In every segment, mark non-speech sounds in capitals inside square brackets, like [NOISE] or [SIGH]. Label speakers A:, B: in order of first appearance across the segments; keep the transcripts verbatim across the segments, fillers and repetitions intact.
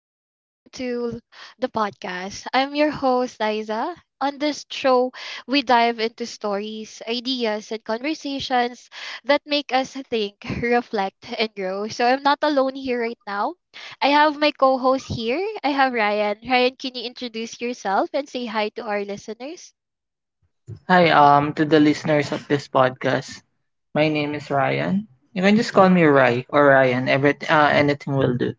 A: and welcome to the podcast. I'm your host, Liza. On this show, we dive into stories, ideas, and conversations that make us think, reflect, and grow. So I'm not alone here right now. I have my co host here. I have Ryan. Ryan, can you introduce yourself and say hi to our listeners?
B: Hi, um, to the listeners of this podcast. My name is Ryan. You can just call me Ry or Ryan. Every uh, anything will do.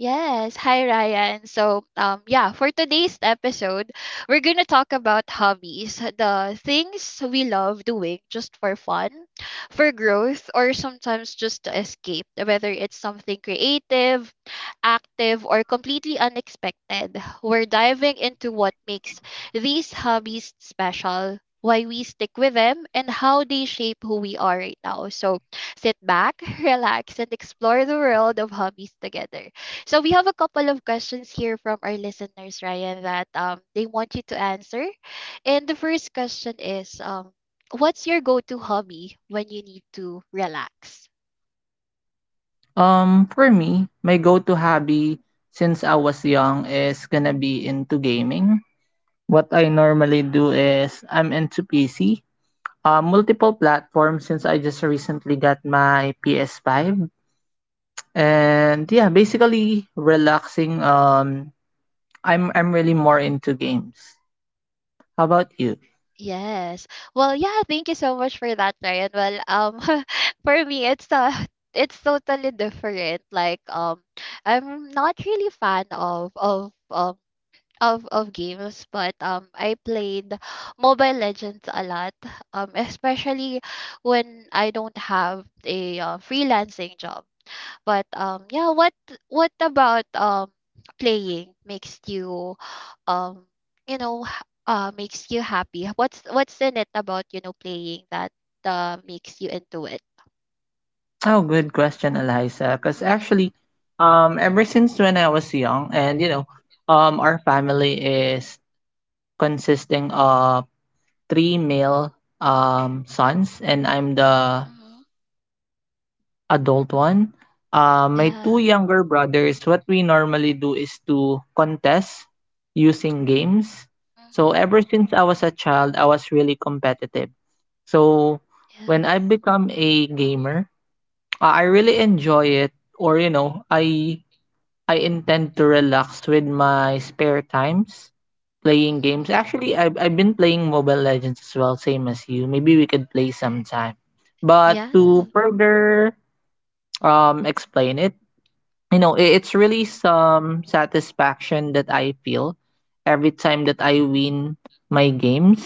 A: Yes. Hi, Ryan. So, um, yeah, for today's episode, we're going to talk about hobbies, the things we love doing just for fun, for growth, or sometimes just to escape, whether it's something creative, active, or completely unexpected. We're diving into what makes these hobbies special. Why we stick with them and how they shape who we are right now. So sit back, [LAUGHS] relax, and explore the world of hobbies together. So we have a couple of questions here from our listeners, Ryan, that um they want you to answer. And the first question is um what's your go-to hobby when you need to relax?
B: Um, for me, my go-to hobby since I was young is gonna be into gaming. What I normally do is I'm into P C, uh, multiple platforms since I just recently got my P S five. And yeah, basically relaxing. Um, I'm I'm really more into games. How about you?
A: Yes. Well, yeah, thank you so much for that, Ryan. Well, um [LAUGHS] for me it's uh [LAUGHS] it's totally different. Like um I'm not really fan of of um of of games, but um I played Mobile Legends a lot. Um especially when I don't have a uh, freelancing job. But um yeah, what what about um playing makes you um you know h- uh makes you happy? What's what's in it about, you know, playing that uh makes you into it?
B: Oh, good question, Eliza. Because
A: Mm-hmm.
B: actually, um, ever since when I was young, and you know, um, our family is consisting of three male um sons, and I'm the
A: Mm-hmm.
B: adult one. Uh, my two
A: Yeah.
B: younger brothers, what we normally do is to contest using games. So
A: Mm-hmm.
B: ever since I was a child, I was really competitive. So
A: Yeah.
B: when I become a gamer, uh, I really enjoy it, or you know, I I intend to relax with my spare times, playing games. Actually, I've, I've been playing Mobile Legends as well, same as you. Maybe we could play sometime. But
A: Mm-hmm.
B: to further um, explain it, you know i- it's really some satisfaction that I feel every time that I win my games.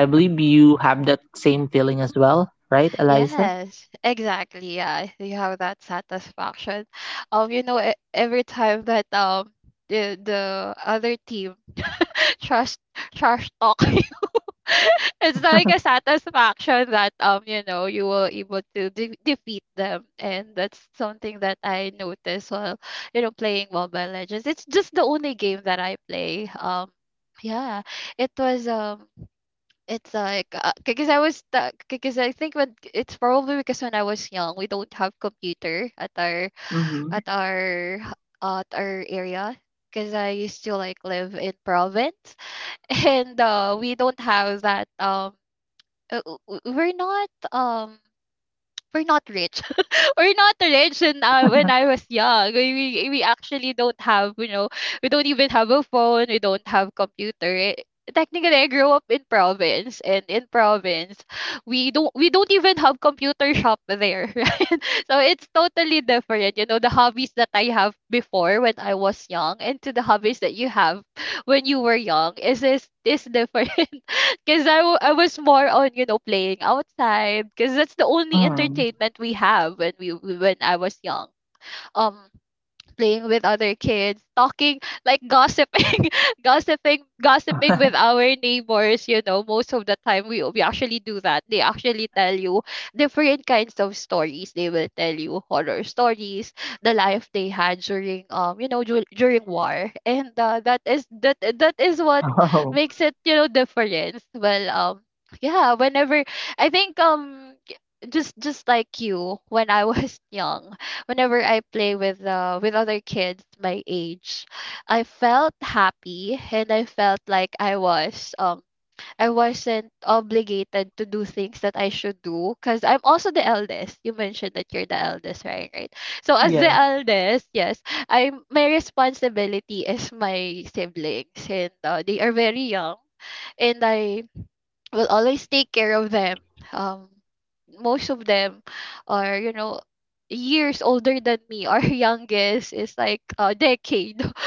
B: I believe you have that same feeling as well, right, Eliza?
A: Yes, exactly. Yeah, you have that satisfaction. Um, you know, e- every time that um the the other team [LAUGHS] trash trash talk you, [LAUGHS] it's like a satisfaction that um you know you were able to de- defeat them, and that's something that I notice while you know playing Mobile Legends. It's just the only game that I play. Um, yeah, it was um it's like uh, because I was because I think when it's probably because when I was young we don't have computer at our
B: Mm-hmm.
A: at our uh, at our area because I used to like live in province [LAUGHS] and uh, we don't have that um uh, w- w- we're not um we're not rich [LAUGHS] we're not rich and uh, when I was young. We, we we actually don't have, you know, we don't even have a phone, we don't have computer. It, technically I grew up in province and in province we don't we don't even have computer shop there, [LAUGHS] right? So it's totally different, you know, the hobbies that I have before when I was young and to the hobbies that you have when you were young is is is different. [LAUGHS] Because I, w- I was more on, you know, playing outside because that's the only
B: Mm.
A: entertainment we have when we we- when I was young. Um, playing with other kids, talking, like gossiping, [LAUGHS] gossiping, gossiping with
B: [LAUGHS]
A: our neighbors. You know, most of the time we we actually do that. They actually tell you different kinds of stories. They will tell you horror stories, the life they had during um you know dur- during war, and uh, that is that that is what
B: oh,
A: makes it you know difference. Well, um yeah, whenever I think um just just like you when I [LAUGHS] was young whenever I play with uh, with other kids my age, I felt happy and I felt like I was um I wasn't obligated to do things that I should do because I'm also the eldest. You mentioned that you're the eldest, right? Right. So as the
B: yes.
A: eldest, yes, I'm my responsibility is my siblings and uh, they are very young and I will always take care of them. Um, most of them are, you know, years older than me. Our [LAUGHS] youngest is like a decade. [LAUGHS]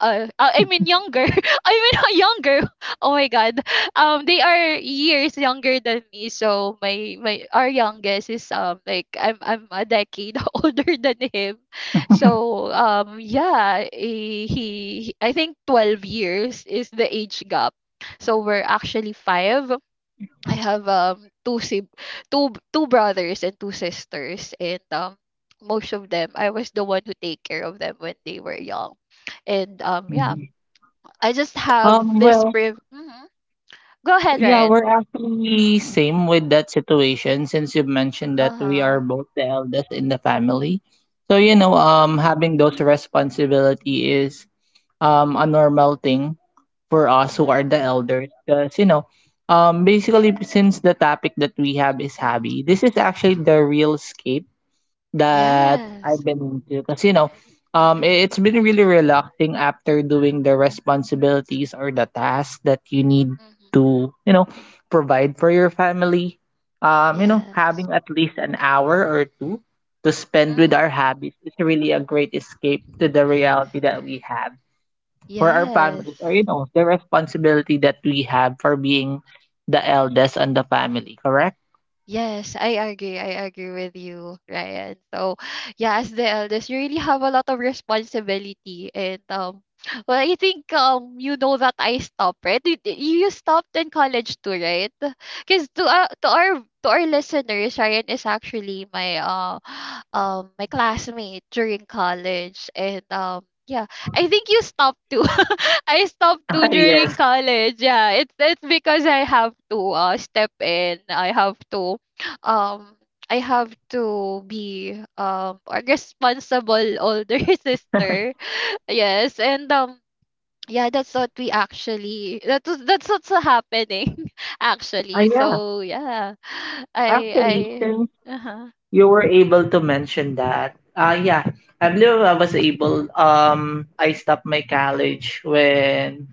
A: Uh, I mean younger. [LAUGHS] I mean [LAUGHS] younger. [LAUGHS] Oh my god. Um, they are years younger than me. So my my our youngest is um like I'm I'm a decade [LAUGHS] older than him. So um yeah, he, he I think twelve years is the age gap. So we're actually five I have um two sib two b- two brothers and two sisters and um most of them I was the one who take care of them when they were young. And um yeah,
B: Mhm.
A: I just have
B: um
A: this
B: well
A: priv- Mhm. Go ahead,
B: yeah,
A: Ryan.
B: we're actually same with that situation since you've mentioned that we are
A: Uh-huh.
B: both the eldest in the family. So, you know,
A: Mhm.
B: um having those responsibility is um a normal thing for us who are the
A: Mhm.
B: elders because you know, um basically since the topic that we have is hobby, this is actually the real escape that
A: Yeah.
B: I've been into because you know, um, i- it's been really relaxing after doing the responsibilities or the tasks that you need
A: Mm.
B: to, you know, provide for your family. Um, you know,
A: Yeah.
B: having at least an hour or two to spend with our
A: Mhm.
B: hobbies is really a great escape to the reality that we have for our
A: Yes.
B: families or you know, the responsibility that we have for being the eldest and the family, correct?
A: Yes, I agree. I agree with you, Ryan. So, yeah, as the eldest, you really have a lot of responsibility, and um, [SNIFFS] well, I think um, you know that I stopped, right? You, you stopped in college too, right? [SIGHS] Because to uh, to our to our listeners, Ryan is actually my uh, [SNIFFS] [GASPS] um, my classmate during college, and um, yeah, I think you stopped too. [LAUGHS] I stopped too
B: [LAUGHS]
A: during
B: yes.
A: college. Yeah, it's it's because I have to uh, step in. I have to um I have to be um a responsible older [LAUGHS] sister. Yes, and um yeah, that's what we actually that was that's what's happening [LAUGHS]
B: Uh,
A: actually.
B: yeah.
A: So yeah,
B: Actually,
A: I
B: since
A: I uh-huh.
B: you were able to mention that. Uh, yeah, I believe I was able. Um, I stopped my college when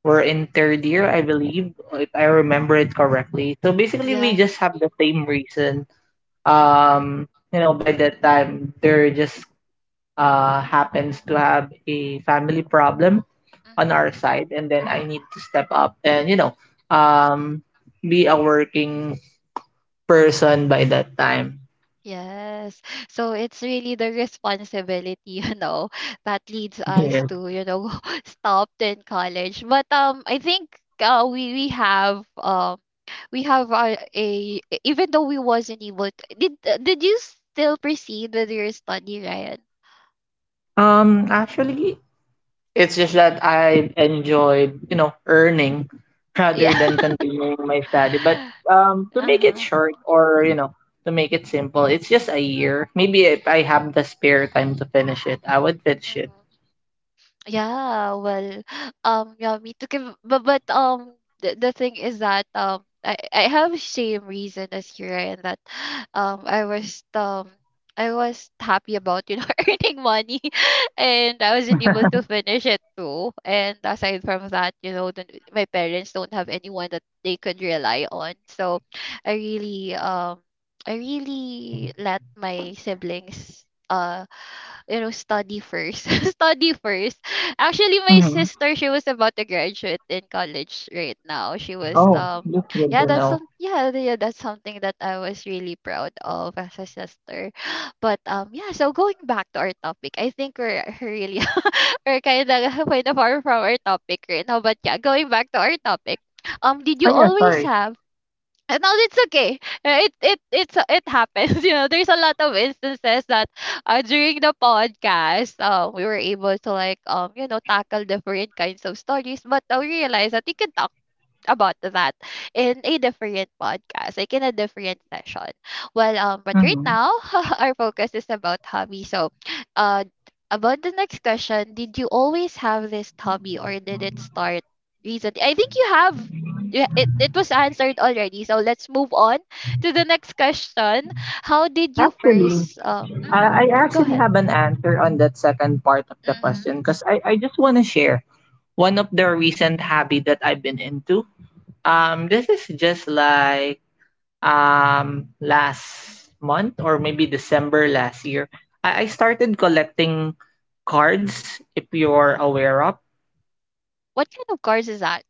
B: we're in third year, I believe, if I remember it correctly. So basically, we
A: yeah.
B: just have the same reason.
A: mhm,
B: Um, you know, by that time, there just uh happens to have a family problem on
A: mhm.
B: our side, and then I need to step up and you know, um, be a working person by that time.
A: Yes. So it's really the responsibility, [LAUGHS] you know, that leads us
B: [LAUGHS]
A: to, you know, [LAUGHS] stopped in college. But um I think uh, we we have um we have a a even though we wasn't able to did uh, did you still proceed with your study Ryan?
B: Um, actually, it's just that I enjoyed, you know, earning rather
A: [LAUGHS] yeah
B: than continuing my study. But um,
A: [LAUGHS]
B: to make it
A: uh-huh
B: short or, you know, to make it simple, it's just a year. Maybe if I have the spare time to finish it, I would finish it.
A: Yeah, well, [GASPS] um, yeah, me too. Kim- But, but um, the, the thing is that um, I I have same reason as you, Ryan, that [SIGHS] um, I was um, I was happy about you know [LAUGHS] earning money, [LAUGHS] and I wasn't able to finish it too. And aside from that, you know, the, my parents don't have anyone that they could rely on, so I really um, I really let my siblings. uh you know, study first. [LAUGHS] study first. Actually, my
B: Mm-hmm.
A: sister, she was about to graduate in college right now. She was
B: Oh,
A: um
B: that's good
A: yeah,
B: to
A: that's
B: know.
A: some yeah, yeah, that's something that I was really proud of as a sister. [GASPS] [SIGHS] But um yeah, so going back to our topic, I think we're [LAUGHS] really we're kind of [LAUGHS] quite far from our topic right now. But yeah, going back to our topic. Um, did you
B: Oh, yeah,
A: always
B: sorry.
A: have and now it's okay. Uh, It it it's it happens. [LAUGHS] You know, there's a lot of instances that uh, during the podcast, um, we were able to like um, you know, tackle different kinds of stories. But I realized that we can talk about that in a different podcast, like in a different session. Well, um, but right
B: Mm-hmm.
A: now [LAUGHS] our focus is about hobby. So, uh, about the next question, did you always have this hobby or did it start recently? I think you have. Yeah, it, it was answered already. So let's move on to the next question. How did you
B: Actually,
A: first? Uh, mhm,
B: I, I
A: Go
B: actually
A: ahead.
B: have an answer on that second part of the
A: Mm-hmm.
B: question because I, I just want to share one of the recent hobby that I've been into. Um, this is just like um last month or maybe December last year. I, I started collecting cards if you're aware of.
A: What kind of cars is that?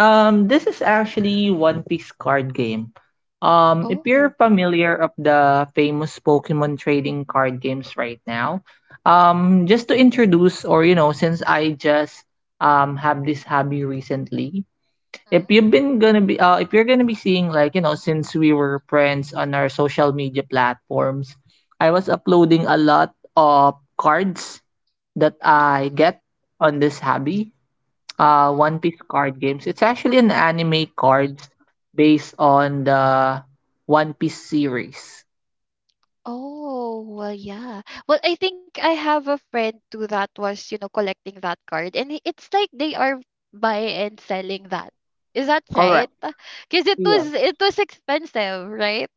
B: Um, this is actually One Piece card game. Um, if you're
A: Oh.
B: familiar of the famous Pokemon trading card games right now, um, just to introduce or you know, since I just um have this hobby recently, if you've been gonna be uh, if you're gonna be seeing like you know since we were friends on our social media platforms, I was uploading a lot of cards that I get on this hobby. Uh,
A: Mm-hmm.
B: one piece card games, it's actually an anime cards based on the one piece series.
A: Oh, well, yeah. Well, I think I have a friend too that was, you know, collecting that card, and i- it's like they are buying and selling that. Is that
B: Correct.
A: right? Because it
B: Yeah.
A: was it was expensive, right?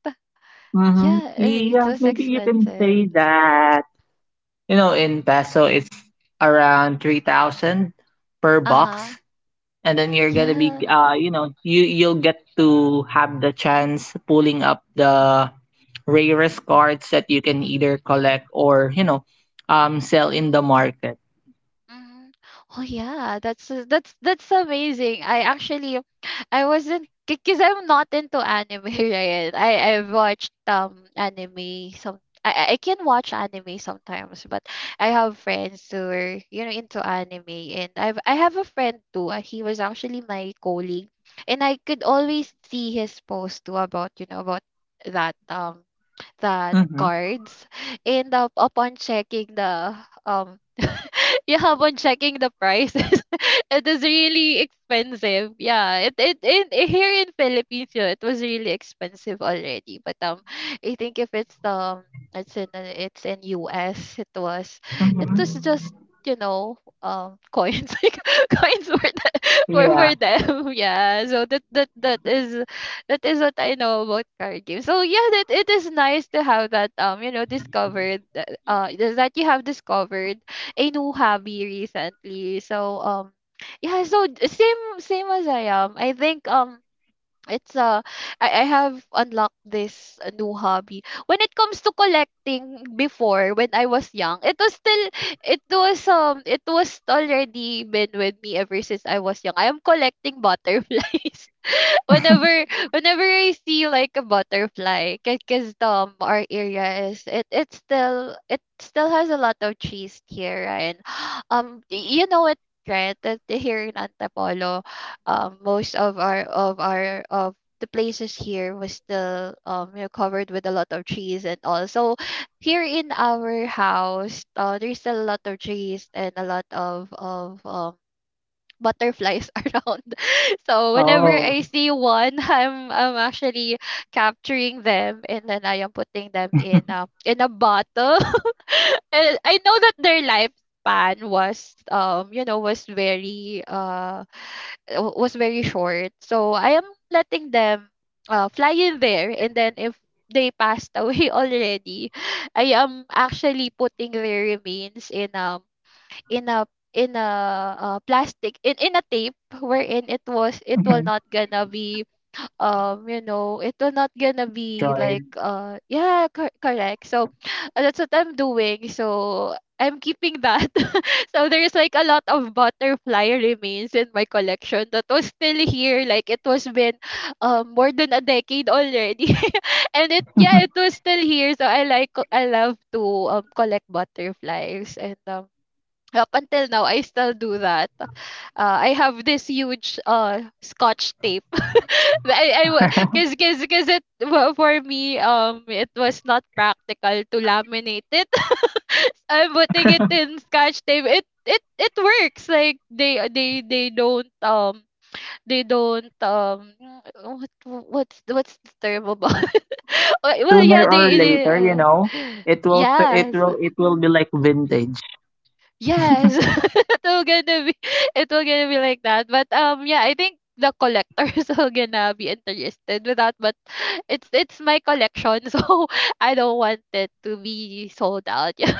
B: Mm-hmm.
A: Yeah, uh, it
B: Yeah,
A: was
B: maybe you can say
A: expensive.
B: that. You know, in peso it's around three thousand per
A: Uh-huh.
B: box, and then you're gonna be
A: Yeah.
B: uh you know you you'll get to have the chance pulling up the rarest cards that you can either collect or you know um sell in the market.
A: Mhm. Oh yeah, that's uh, that's that's amazing. I actually I wasn't because I'm not into anime, [LAUGHS] right? I I watched um anime some I, I I can watch anime sometimes, but I have friends who are you know into anime, and I've I have a friend too. uh, He was actually my colleague, and I could always see his post too about you know about that um that
B: Mm-hmm.
A: cards, and uh, upon checking the um [LAUGHS] yeah, upon checking the prices, [LAUGHS] it is really expensive. Yeah, it it, it eh, here in Philippines, yeah, it was really expensive already. But um, I think if it's um, it's in uh, it's in U S, it was it was
B: Mm-hmm.
A: just you know um coins [LAUGHS] like coins for the, [LAUGHS] for for
B: Yeah.
A: them [LAUGHS] yeah so that that that is that is what I know about card games so yeah that it is nice to have that um you know discovered uh uh, that you have discovered a new hobby recently. So um yeah, so d- same same as I am. I think um it's uh I, I have unlocked this uh, new hobby. When it comes to collecting before when I was young, it was still it was um it was already been with me ever since I was young. I am collecting [LAUGHS] butterflies. [LAUGHS] whenever whenever I see like a butterfly, because um our area is it it still it still has a lot of trees here and [GASPS] um y- you know it right that here in Antapolo, um most of our of our of the places here was still um you know, covered with a lot of trees and all. So here in our house, uh, there's still a lot of trees and a lot of of um butterflies [LAUGHS] around. So whenever
B: Oh.
A: I see one, [LAUGHS] I'm I'm actually capturing them and then I am putting them in a in a bottle. [LAUGHS] And I know that their lifespan was um you know was very uh w- was very short. So I am letting them uh fly in there, and then if they passed away [LAUGHS] already, I am actually putting their remains in um in a in a uh, plastic, in in a tape wherein it was it will
B: Mm-hmm.
A: not gonna be um you know it will not gonna be like
B: Droid.
A: uh yeah cor- correct. So [SIGHS] that's what I'm doing, so I'm keeping that. [LAUGHS] So there's like a lot of butterfly remains in my collection that was still here, like it was been um more than a decade already [LAUGHS] and it, yeah, it was still here. So I like, I love to um collect butterflies, and um up until now I still do that. Uh, I have this huge uh scotch tape. [LAUGHS] I I because
B: [LAUGHS]
A: because because it well, for me um it was not practical to laminate it. [LAUGHS] So I'm putting it in scotch tape. It it it works. Like they they they don't um they don't um what what's what's the term about? [LAUGHS] Well,
B: sooner
A: yeah,
B: or
A: they, they
B: later, you
A: uh,
B: know, it will
A: yeah
B: it will it will be like vintage.
A: yes, [LAUGHS] it will gonna be, it will gonna be like that. But um, yeah, I think the collectors [LAUGHS] will gonna be interested with that. But it's it's my collection, [LAUGHS] so I don't want it to be sold out. [LAUGHS] Yeah,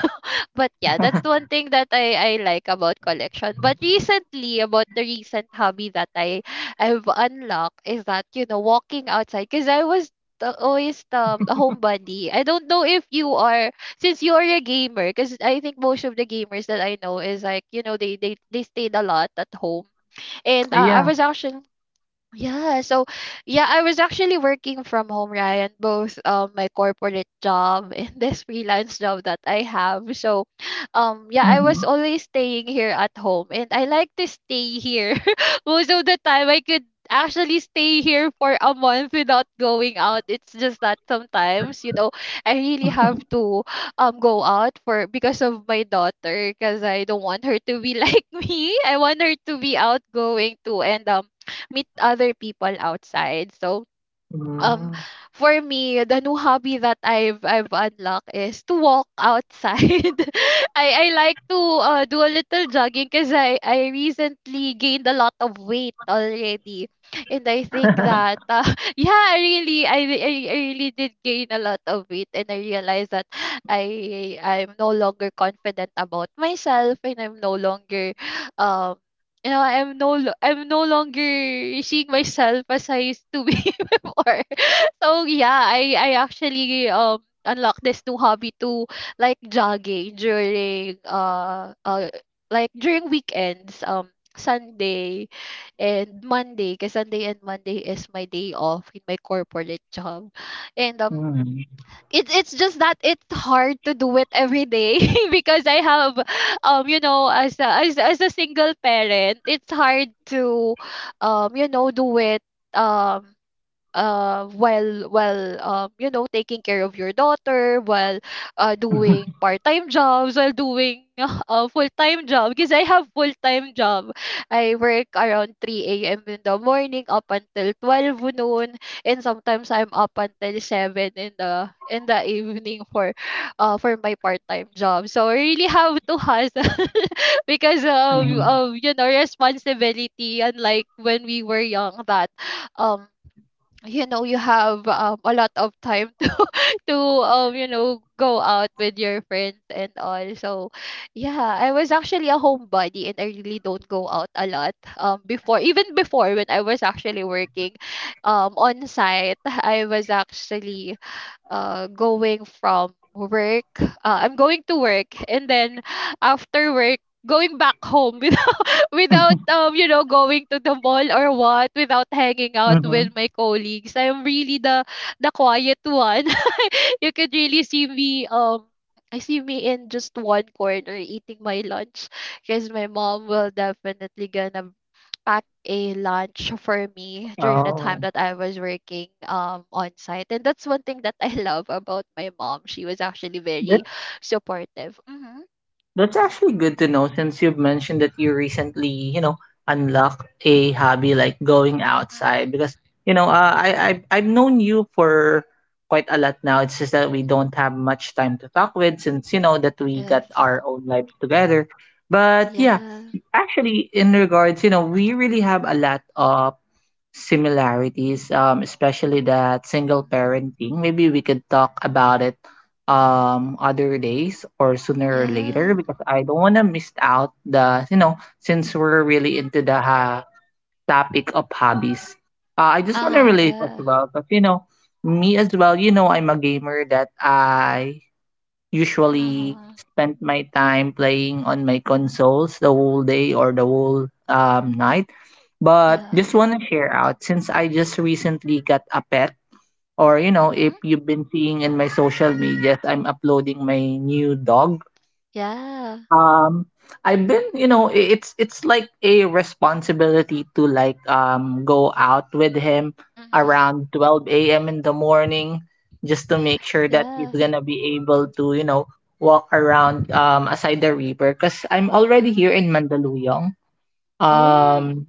A: but yeah, that's one thing that I I like about collection. But recently, about the recent hobby that I I've unlocked is that you know walking outside because I was the- always, um, a homebody. I don't know if you are, since you're a gamer, because I think most of the gamers that I know is like, you know, they they they stayed a lot at home. And uh, I
B: Yeah.
A: was actually, yeah, so yeah, I was actually working from home, Ryan, both um my corporate job [LAUGHS] and this freelance job that I have. So um yeah, I
B: Mm-hmm.
A: was always staying here at home and I like to stay here. [LAUGHS] Most of the time I could actually stay here for a month without going out. It's just that sometimes, you know, I really have to um go out for because of my daughter, because I don't want her to be [LAUGHS] like me. I want her to be outgoing too, and um meet other people outside. So um
B: Mm-hmm.
A: for me the new hobby that I've I've unlocked is to walk outside. [LAUGHS] I I like to uh, do a little jogging because I I recently gained a lot of weight already, and I think that uh, [LAUGHS] yeah I really I, re- I I really did gain a lot of weight, and I realized that I I'm no longer confident about myself, and I'm no longer um. you know, I'm no lo- I'm no longer seeing myself as I used to be [LAUGHS] before. So yeah, I I actually um unlocked this new hobby to like jogging during uh uh like during weekends, um Sunday and Monday, because Sunday and Monday is my day off in my corporate job. And
B: [LAUGHS]
A: um
B: mm-hmm.
A: it's it's just that it's hard to do it every day [LAUGHS] because I have um you know, as a, as as a single parent, it's hard to um you know do it, um uh while while um you know taking care of your daughter while uh doing part-time jobs while doing [LAUGHS] a full-time job, because I have full-time job. I work around three a m in the morning up until twelve noon, and sometimes I'm up until seven in the in the evening for uh for my part-time job, so I really have to hustle. [LAUGHS] Because of, of you know responsibility, unlike when we were young that um you know you have um, a lot of time [LAUGHS] to um you know go out with your friends and all. So yeah, I was actually a homebody, and I really don't go out a lot um before, even before when I was actually working um on site. I was actually uh going from work, uh, I'm going to work, and then after work going back home. [LAUGHS] Without
B: [LAUGHS]
A: um you know going to the mall or what, without hanging out
B: Mm-hmm.
A: with my colleagues. I'm really the the quiet one. [LAUGHS] You could really see me um I see me in just one corner eating my lunch, because my mom will definitely gonna pack a lunch for me during the time
B: Oh,
A: that I was working um on site. And that's one thing that I [LAUGHS] love about my mom. She was actually very supportive. Hmm.
B: that's actually good to know since you've mentioned that you recently, you know, unlocked a hobby like going outside. Because you know, uh, I I I've known you for quite a lot now. It's just that we don't have much time to talk with since you know that we
A: Yes.
B: got our own lives together. But yeah,
A: Yeah.
B: actually in regards, you know, we really have a lot of similarities, um, especially that single
A: Mm-hmm.
B: parenting. Maybe we could talk about it um other days or sooner or
A: Yeah.
B: later because I don't want to miss out the you know, since we're really into the ha- topic of hobbies. Uh, I just want to
A: Uh-huh,
B: relate as
A: yeah.
B: well, but you know, me as well. You know, I'm a gamer that I usually
A: Uh-huh,
B: spent my time playing on my consoles the whole day or the whole um, night. But
A: yeah.
B: just want to share out since I just recently got a pet, or you know,
A: Mhm.
B: if you've been seeing in my social medias, I'm uploading my new dog.
A: Yeah.
B: Um, I've been, you know, i- it's it's like a responsibility to like um go out with him
A: Mhm.
B: around twelve a m in the morning just to make sure that he's
A: Yeah.
B: gonna be able to, you know, walk around um aside the river because I'm already here
A: Mhm.
B: in Mandaluyong.
A: Oh,
B: Um,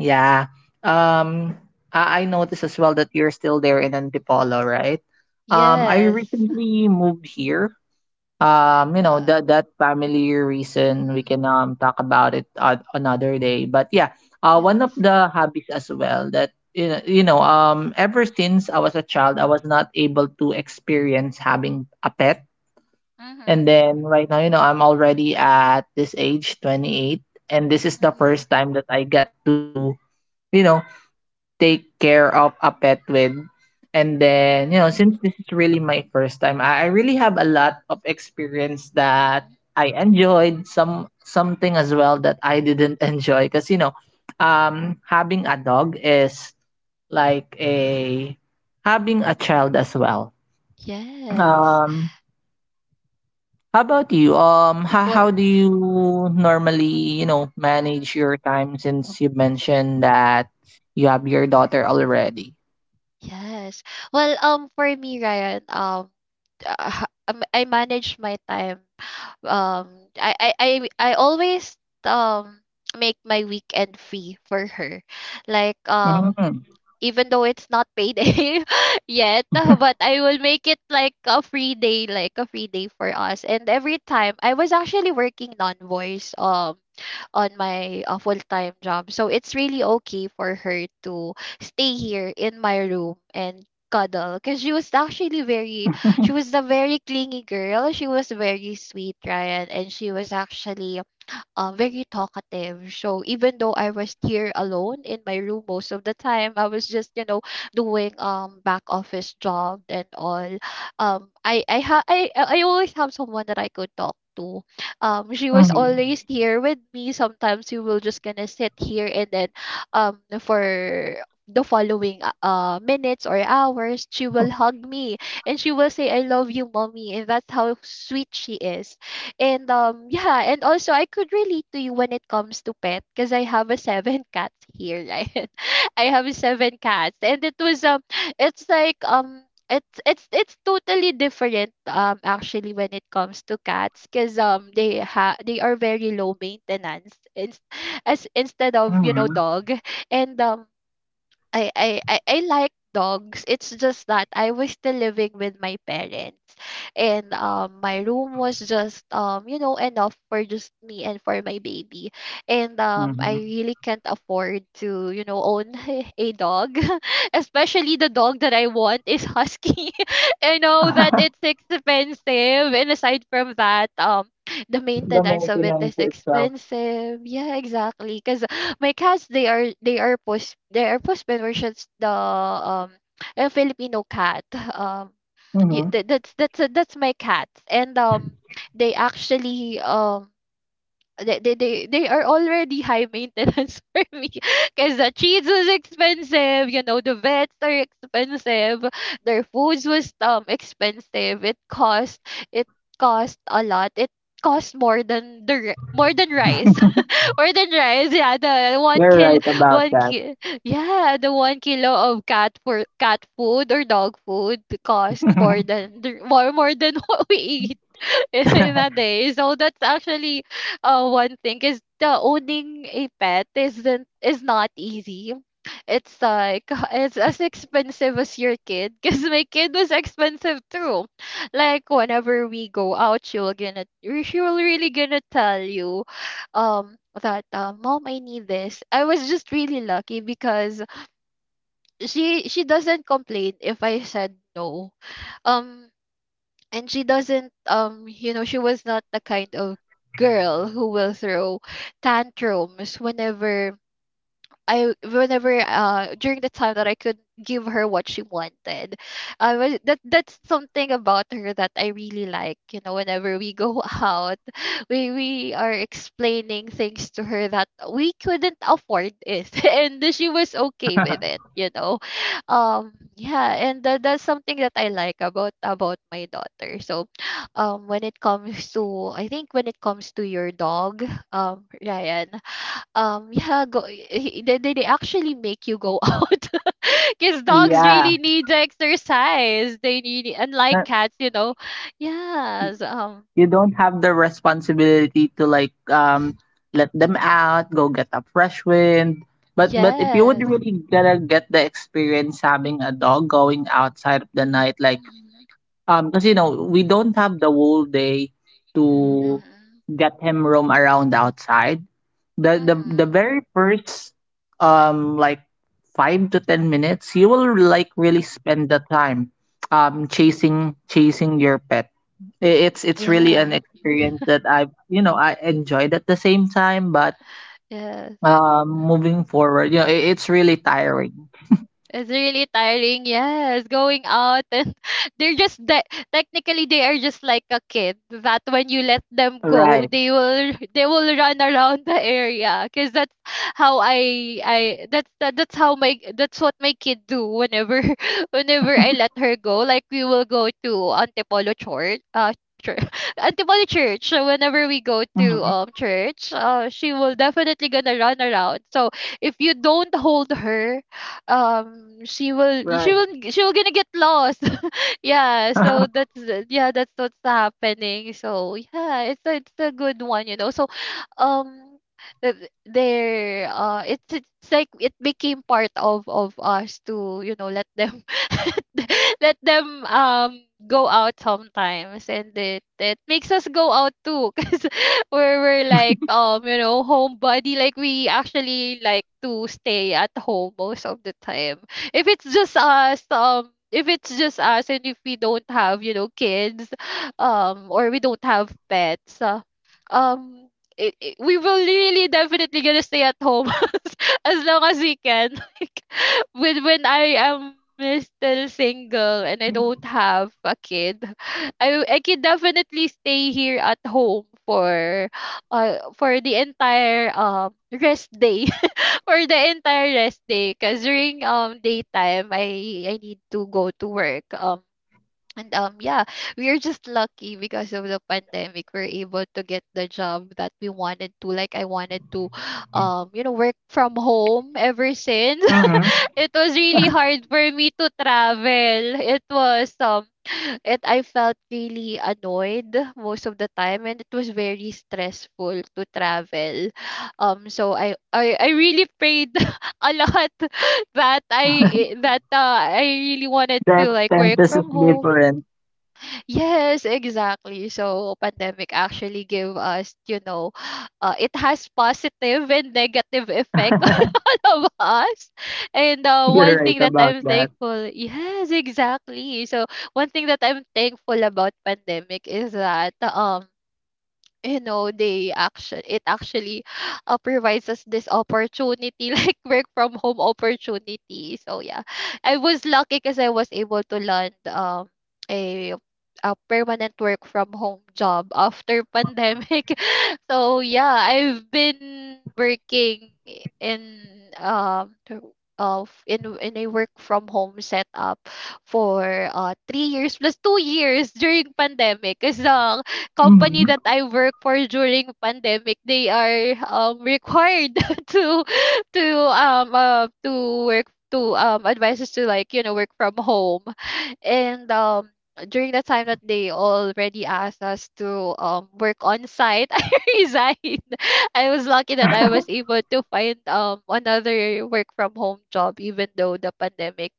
B: yeah. Um, I, I noticed as well that you're still there in Antipolo, right? Um, I
A: yes,
B: recently moved here um you know that that family reason, we can um talk about it on another day. But yeah, uh, one of
A: yes.
B: the hobbies as well that you know, you know um ever since I was a child, I was not able to experience having a pet, and
A: Mhm.
B: then right now you know I'm already at this age twenty-eight, and this is the
A: Mhm.
B: first time that I get to, you know, take care of a pet with. And then,
A: Mhm.
B: you know, since this is really my first time, I, I really have a lot of experience that
A: Mhm.
B: I enjoyed, some something as well that I didn't [LAUGHS] enjoy. Because, you know, um having a dog is like a having a child as well.
A: Yes.
B: Um how about you? Um, how
A: Well.
B: how do you normally, you know,
A: Mhm.
B: manage your time since you mentioned that you have your daughter already?
A: Yes. Well, um, for me, Ryan, um, uh, [LAUGHS] um, I manage my time. Um, I I I I always, um, make my weekend free for her. Like, um
B: Mhm.
A: even though it's not payday [LAUGHS] yet, uh, but I will make it like a free day, like a free day for us. And every time I was actually working non-voice um on my uh, full-time job, so it's really okay for her to stay here in my room and cuddle, because she was actually very, she was
B: [LAUGHS]
A: a very clingy girl, she was very sweet, Ryan, and she was actually uh, very talkative. So even though I was here alone in my room most of the time, I was just you know doing um back office job and all. Um, I I ha- I I I always have someone that I could talk to. Um, she was
B: Mhm.
A: always here with me. Sometimes we will just gonna sit here, and then um for the following uh uh, minutes or hours she will hug me and she will say I love you mommy, and that's how sweet she is. And um yeah, and also I could relate to you when it comes to pet, because I have a seven [LAUGHS] cats here, right? [LAUGHS] I have seven cats, and it was um it's like um it's it's it's totally different um actually when it comes to cats, because um they ha they are very low maintenance in, as instead of you know
B: Mhm.
A: dog. And um I I I, I like dogs. It's just that I was still living with my parents, and um my room was just um you know enough for just me and for my baby, and um I
B: Mhm.
A: really can't afford to you know own [LAUGHS] a dog, [LAUGHS] especially the dog that I want is husky. [LAUGHS] I know that it's
B: [LAUGHS]
A: expensive, and aside from that, um the
B: The
A: maintenance of it
B: maintenance
A: is
B: itself.
A: expensive. Yeah, exactly. Because my cats, they are they are post they are postman, versions the um a Filipino cat. Um, y-
B: Mhm.
A: that,
B: [LAUGHS]
A: that's that's that's my cat. And um, they actually um they they they, they are already high maintenance [LAUGHS] for me, because the cheese was expensive, you know the vets are expensive, their foods was um expensive, it cost, it cost a lot, it cost more than the ri- more than rice, more than rice, yeah. The one
B: You're
A: kilo,
B: right about
A: one
B: that.
A: ki- yeah, the one kilo of cat for cat food or dog food cost more than, more, more than [LAUGHS] what we eat [LAUGHS] in a
B: [LAUGHS]
A: day. So that's actually uh one thing is, the owning a pet isn't, is not easy. It's like [LAUGHS] it's as expensive as your kid, because my kid was expensive too. Like whenever we go out, she will gonna she will really gonna tell you um that uh, mom I need this. I was just really lucky because she she doesn't complain if I said no. um and she doesn't um you know, she was not the kind of girl who will throw tantrums whenever I whenever uh during the time that I could give her what she wanted, I was that that's something about her that I really like. You know, whenever we go [LAUGHS] out, we we are explaining things to her that we couldn't afford it, [LAUGHS] and she was okay with it. You know, um, yeah, and that, that's something that I like about about my daughter. So, um, when it comes to, I think when it comes to your dog, um, Ryan. Um, [LAUGHS] yeah, go. he- They they they actually make you go [LAUGHS] out, because dogs
B: Yeah.
A: really need the exercise. They need it. Unlike cats, you know. Yes. Um.
B: You don't have the responsibility to like um let them out go get a fresh wind. but but if you would
A: Yes.
B: really gotta get the experience having a dog going outside of the night like
A: Mhm.
B: um because you know we don't have the whole day to get him roam around outside. the the
A: Mhm.
B: the very first um like five to ten minutes, you will like really spend the time um chasing chasing your pet. I- it's it's really an
A: Yeah.
B: experience that I you know I enjoyed at the same time, but
A: Yeah.
B: um moving forward, you know, it, it's really tiring.
A: It's really tiring, yes, going out and [LAUGHS] they're just that technically they are just like a kid that when you let them go,
B: Right.
A: they will [LAUGHS] they will run around the area because that's how I I that's that, that's how my that's what my kid do whenever [LAUGHS] whenever I let her go. Like we will go to Antipolo Church, uh, church. [LAUGHS] Antipolo Church. So whenever we go to
B: Hmm.
A: um church, uh, she will definitely gonna run around. So if you don't hold her, um she will she
B: Right.
A: will she will gonna get lost. [LAUGHS] Yeah, so
B: [LAUGHS]
A: that's yeah that's what's happening. So yeah, it's a, it's a good one, you know. So um th- there uh it's it's like it became part of of us to, you know, let them [LAUGHS] let them um go out sometimes, and it it makes us go out too. [LAUGHS] [LAUGHS] Where we're like, um you know, homebody, like we actually like to stay at home most of the time if it's just us, um if it's just us and if we don't have, you know, kids, um or we don't have pets, uh, um it, it- we will really definitely gonna stay at home [LAUGHS] as as long as we can. [LAUGHS] Like when when I am still single and I don't have a kid, I I could definitely stay here at home for uh for the entire um rest day. [LAUGHS] For the entire rest day, because during um daytime I I need to go to work. um And um yeah, we are just lucky because of the pandemic. We're able to get the job that we wanted to. Like I wanted to [SIGHS] um, you know, work from home ever since.
B: hmm.
A: [LAUGHS] It was really hard for me to travel. It was um [SIGHS] it I felt really annoyed most of the time, and it was very stressful to travel. [SIGHS] Um so I I, I really prayed [LAUGHS] a lot [LAUGHS] that I eh, that uh, I really wanted
B: The
A: to like work
B: expenses is
A: from home.
B: different.
A: Yes, exactly. So pandemic actually gave us, you know, [SIGHS] uh, it has positive and negative effect [LAUGHS]
B: [LAUGHS]
A: on all of us. And uh,
B: you're
A: one thing
B: right
A: that
B: about
A: I'm
B: that.
A: thankful, yes, exactly. So one thing that I'm thankful about pandemic is that um you know, they actually it actually [SIGHS] uh, provides us this opportunity [LAUGHS] like work from home opportunity. So yeah, I was lucky because I was able to land um a a permanent work from home job after pandemic. [LAUGHS] So yeah, I've been working in um through- of in in a work from home setup for uh three years plus two years [LAUGHS] during pandemic, because
B: Hmm.
A: company that I work for during pandemic, they are um required [LAUGHS] to to um uh, to work to um advise us to, like, you know, work from home, and um during the time that they already asked us to um work on site, [LAUGHS] I resigned. I was lucky that I was
B: [LAUGHS]
A: able to find um another work from home job, even though the pandemic,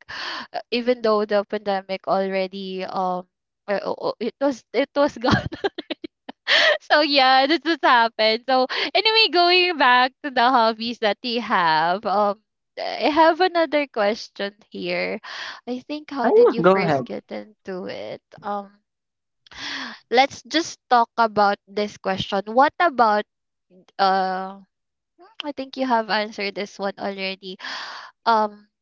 A: uh, even though the pandemic already um uh, uh, uh, it was it was [LAUGHS] gone. [LAUGHS] So yeah, this has happened. So anyway, going back to the hobbies that we have, um, I have another question here. I think, how
B: Oh,
A: did
B: yeah,
A: you
B: go ahead.
A: first get into it? Um, let's just talk about this question. What about uh? I think you have answered this one already. Um,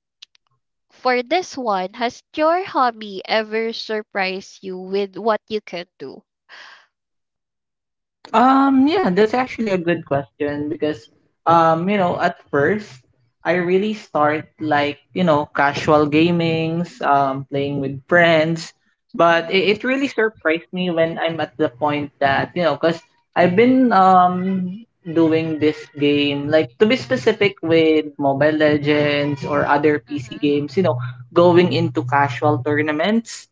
A: for this one, has your hobby ever surprised you with what you can do?
B: Um, yeah, that's actually a good question because, um, you know, at first I really start like, you know, casual gamings, um, playing with friends, but it, it
A: Mm-hmm.
B: really surprised me when I'm at the point that, you know, because I've been, um, doing this game, like to be
A: Mm-hmm.
B: specific with Mobile Legends or other P C games, you know, going into casual tournaments.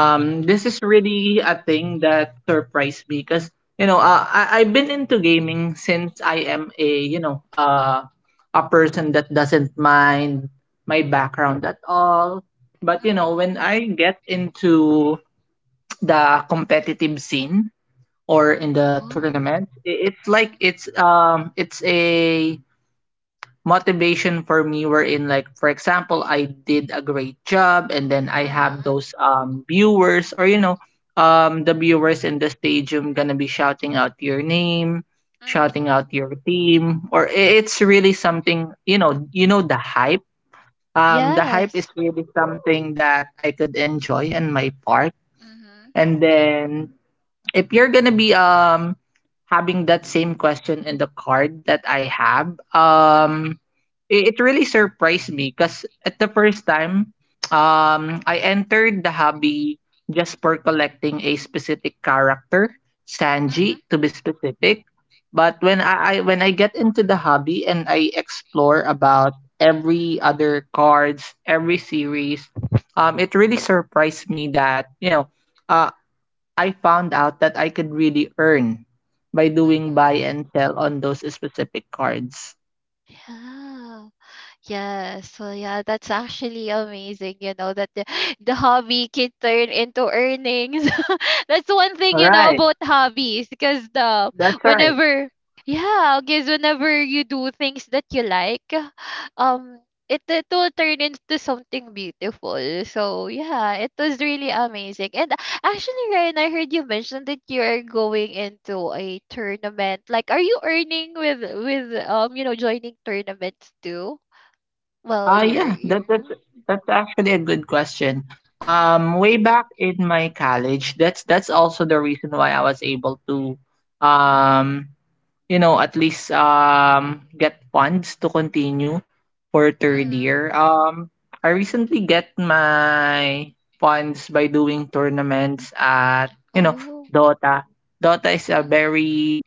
A: Mm-hmm.
B: this is really a thing that surprised me because you know, uh, I I've been into gaming since I am a you know uh a person that doesn't mind my background at all. But you know, when I get into the competitive scene or in the tournament, i- it's like
A: Mm-hmm.
B: it's um it's a motivation for me, were in like for example I did a great job, and then I have
A: Mhm.
B: those um viewers or you know um the viewers in the stadium gonna be shouting out your name, shouting
A: Mhm.
B: out your team, or i- it's really something, you know, you know the hype, um the hype
A: Yes.
B: is really something that I could enjoy on my part.
A: Mhm.
B: And then if you're gonna be um having that same question in the card that I have,
A: Mhm.
B: um, it, it really surprised me because at the first time, um, I entered the hobby just for collecting a specific character,
A: Mhm.
B: Sanji to be specific. But when I, I when I get into the hobby and I explore about every other cards, every series, um, it really surprised me that you know, uh, I found out that I could really earn by
A: Mhm.
B: doing buy and sell on those specific cards.
A: Yeah. Yes. So yeah, that's actually amazing, you know, that the, the hobby can turn into earnings. [LAUGHS] That's one thing,
B: All
A: you know,
B: right,
A: about hobbies, because the
B: that's right.
A: whenever yeah, because whenever you do things that you like, um it, it will turn into something beautiful. So yeah, it was really amazing. And actually, Ryan, I heard you mention that you are going into a tournament. Like, are you earning with with um, you know, joining tournaments too? Well,
B: Uh
A: you're
B: yeah,
A: you're
B: that that's
A: oh.
B: that's actually a good question.
A: Mhm,
B: Um way back in my college, that's that's also the reason why I was able to um you know, at least um get funds to continue for third
A: mhm.
B: year. Um I recently get my funds by doing tournaments at, you know,
A: Oh.
B: Dota. Dota is a
A: Mhm,
B: very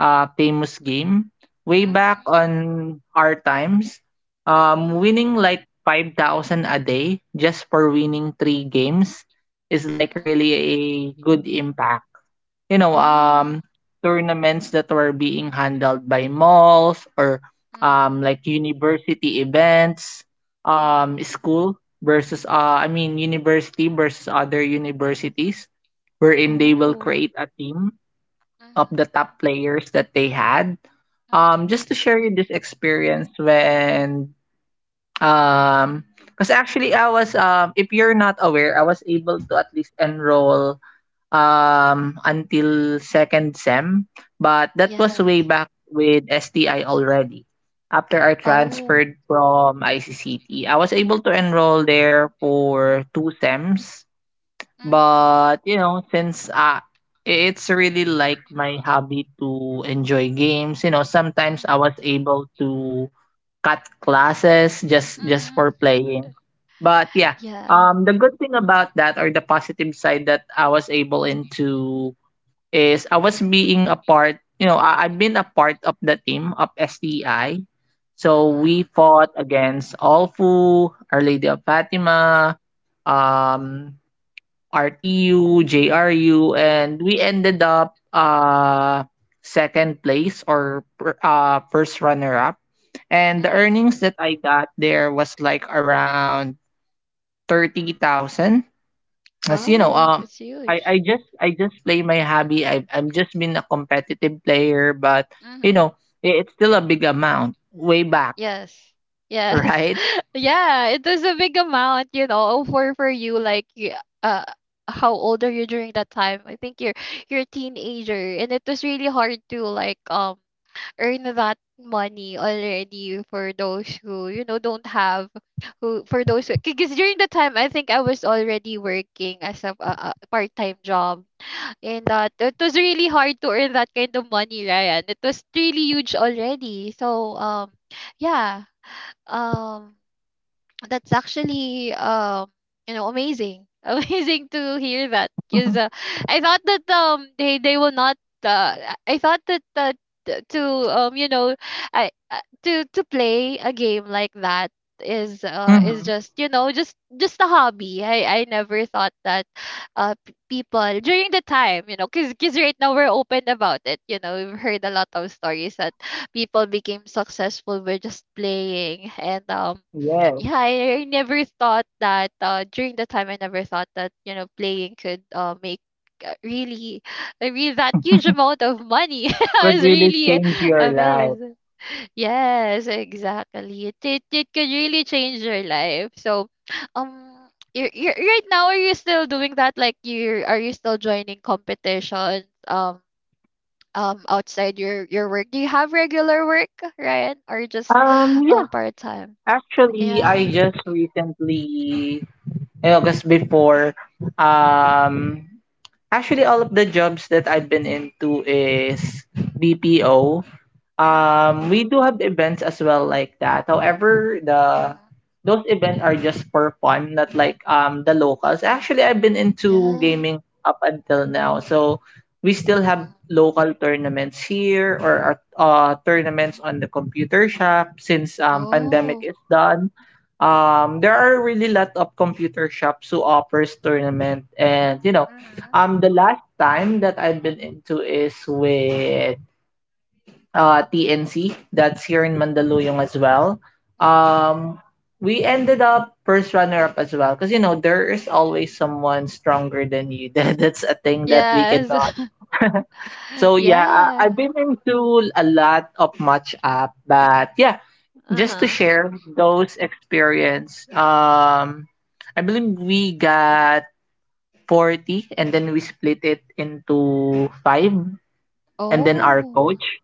B: uh famous game. Way back
A: mhm,
B: on our times, um
A: mhm,
B: winning like five thousand a day just for winning three games is like
A: mhm.
B: really a good impact you know, um,
A: Wow.
B: tournaments that were being handled by malls or um,
A: Mhm,
B: like university events,
A: mhm.
B: um, school versus, uh, I mean, university versus other universities, wherein they will
A: Oh.
B: create a team of
A: Mhm,
B: the top players that they had. Um,
A: mhm.
B: just to share you this experience when, um, because actually I was, um, if you're not aware, I was able to at least enroll um, until second sem, but that was
A: Yes.
B: way back with S T I already. After I
A: Oh.
B: transferred from I C C T, I was able to enroll there for two sems,
A: Mhm,
B: but you know, since uh, it's really like my hobby to enjoy games, you know, sometimes I
A: mhm,
B: was able to cut classes just just
A: mhm.
B: for playing. But yeah,
A: Yeah.
B: um, the good thing about that or the positive side that I was able into is I was being a part. You know, I, I've been a part of the team of S T I. So
A: Mhm,
B: we fought against Alfu, Our Lady of Fatima, um, R T U, J R U, and we ended up uh second place or uh first runner up and the
A: mhm.
B: earnings that I got there was like around thirty thousand. As you know,
A: Wow,
B: um,
A: it's
B: I, I
A: huge.
B: just I just play my hobby. i I'm just been a competitive player, but you
A: Mhm.
B: know, it, it's still a big amount way back,
A: Yes. Yes.
B: right?
A: [LAUGHS] Yeah, it was a big amount, you know, for for you like you- uh how old are you during that time? I think you're you're a teenager, and it was really hard to like, um earn that money already for those who, you know, don't have who for those who, because during the time I think I was already working as a, a, a part-time job, and that it was really hard to earn that kind of money, Ryan. It was really huge already. So um yeah um, that's actually um you know, amazing. [LAUGHS] Amazing to hear that
B: [LAUGHS]
A: because, uh, I thought that, um they they will not uh, I thought that uh, t- to um you know, I uh, to to play a game like that is uh is
B: hmm
A: just, you know, just just a hobby. I i never thought that uh p- people during the time, you know, because right now we're open about it, you know, we've heard a lot of stories that people became successful by just playing. And um
B: Yes,
A: yeah, I, I never thought that, uh, during the time I never thought that, you know, playing could, uh, make uh, really, [SIGHS] I mean, that huge amount of money. [LAUGHS] I
B: could
A: was
B: really
A: really
B: change your life.
A: amazed. Yes, exactly. It, it it could really change your life. So, [SNIFFS] um you're, you're right now, are you still doing that? Like, you are, you still joining competitions, um um outside your your work? Do you have regular work, Ryan, or just
B: Um,
A: um
B: yeah,
A: part-time?
B: actually, I
A: Yeah.
B: just recently, you know, because before, um, actually, all of the jobs that I've been into is B P O.
A: Mm-hmm.
B: Um, we do have events as well like that. However, the
A: Mhm.
B: those events are just for fun, not like um the locals. Actually, I've been into
A: Yeah.
B: gaming up until now, so we still have local tournaments here or uh, tournaments on the computer shop since um pandemic
A: Oh.
B: is done. Um, there are really lot of computer shops who offers tournament, and you know,
A: Mhm.
B: um, the last time that I've been into is with uh, T N C that's here in Mandaluyong as well.
A: Mhm.
B: Um, we ended up first runner up as well because you know there is always someone stronger than you. [LAUGHS] That that's a thing that we
A: Yes.
B: cannot.
A: [LAUGHS]
B: So yeah, I,
A: Yeah.
B: I've been into a lot of match up, but yeah, just to
A: Uh-huh.
B: share those experience. Um, I believe we got forty, and then we split it into five, and then
A: Oh.
B: our coach.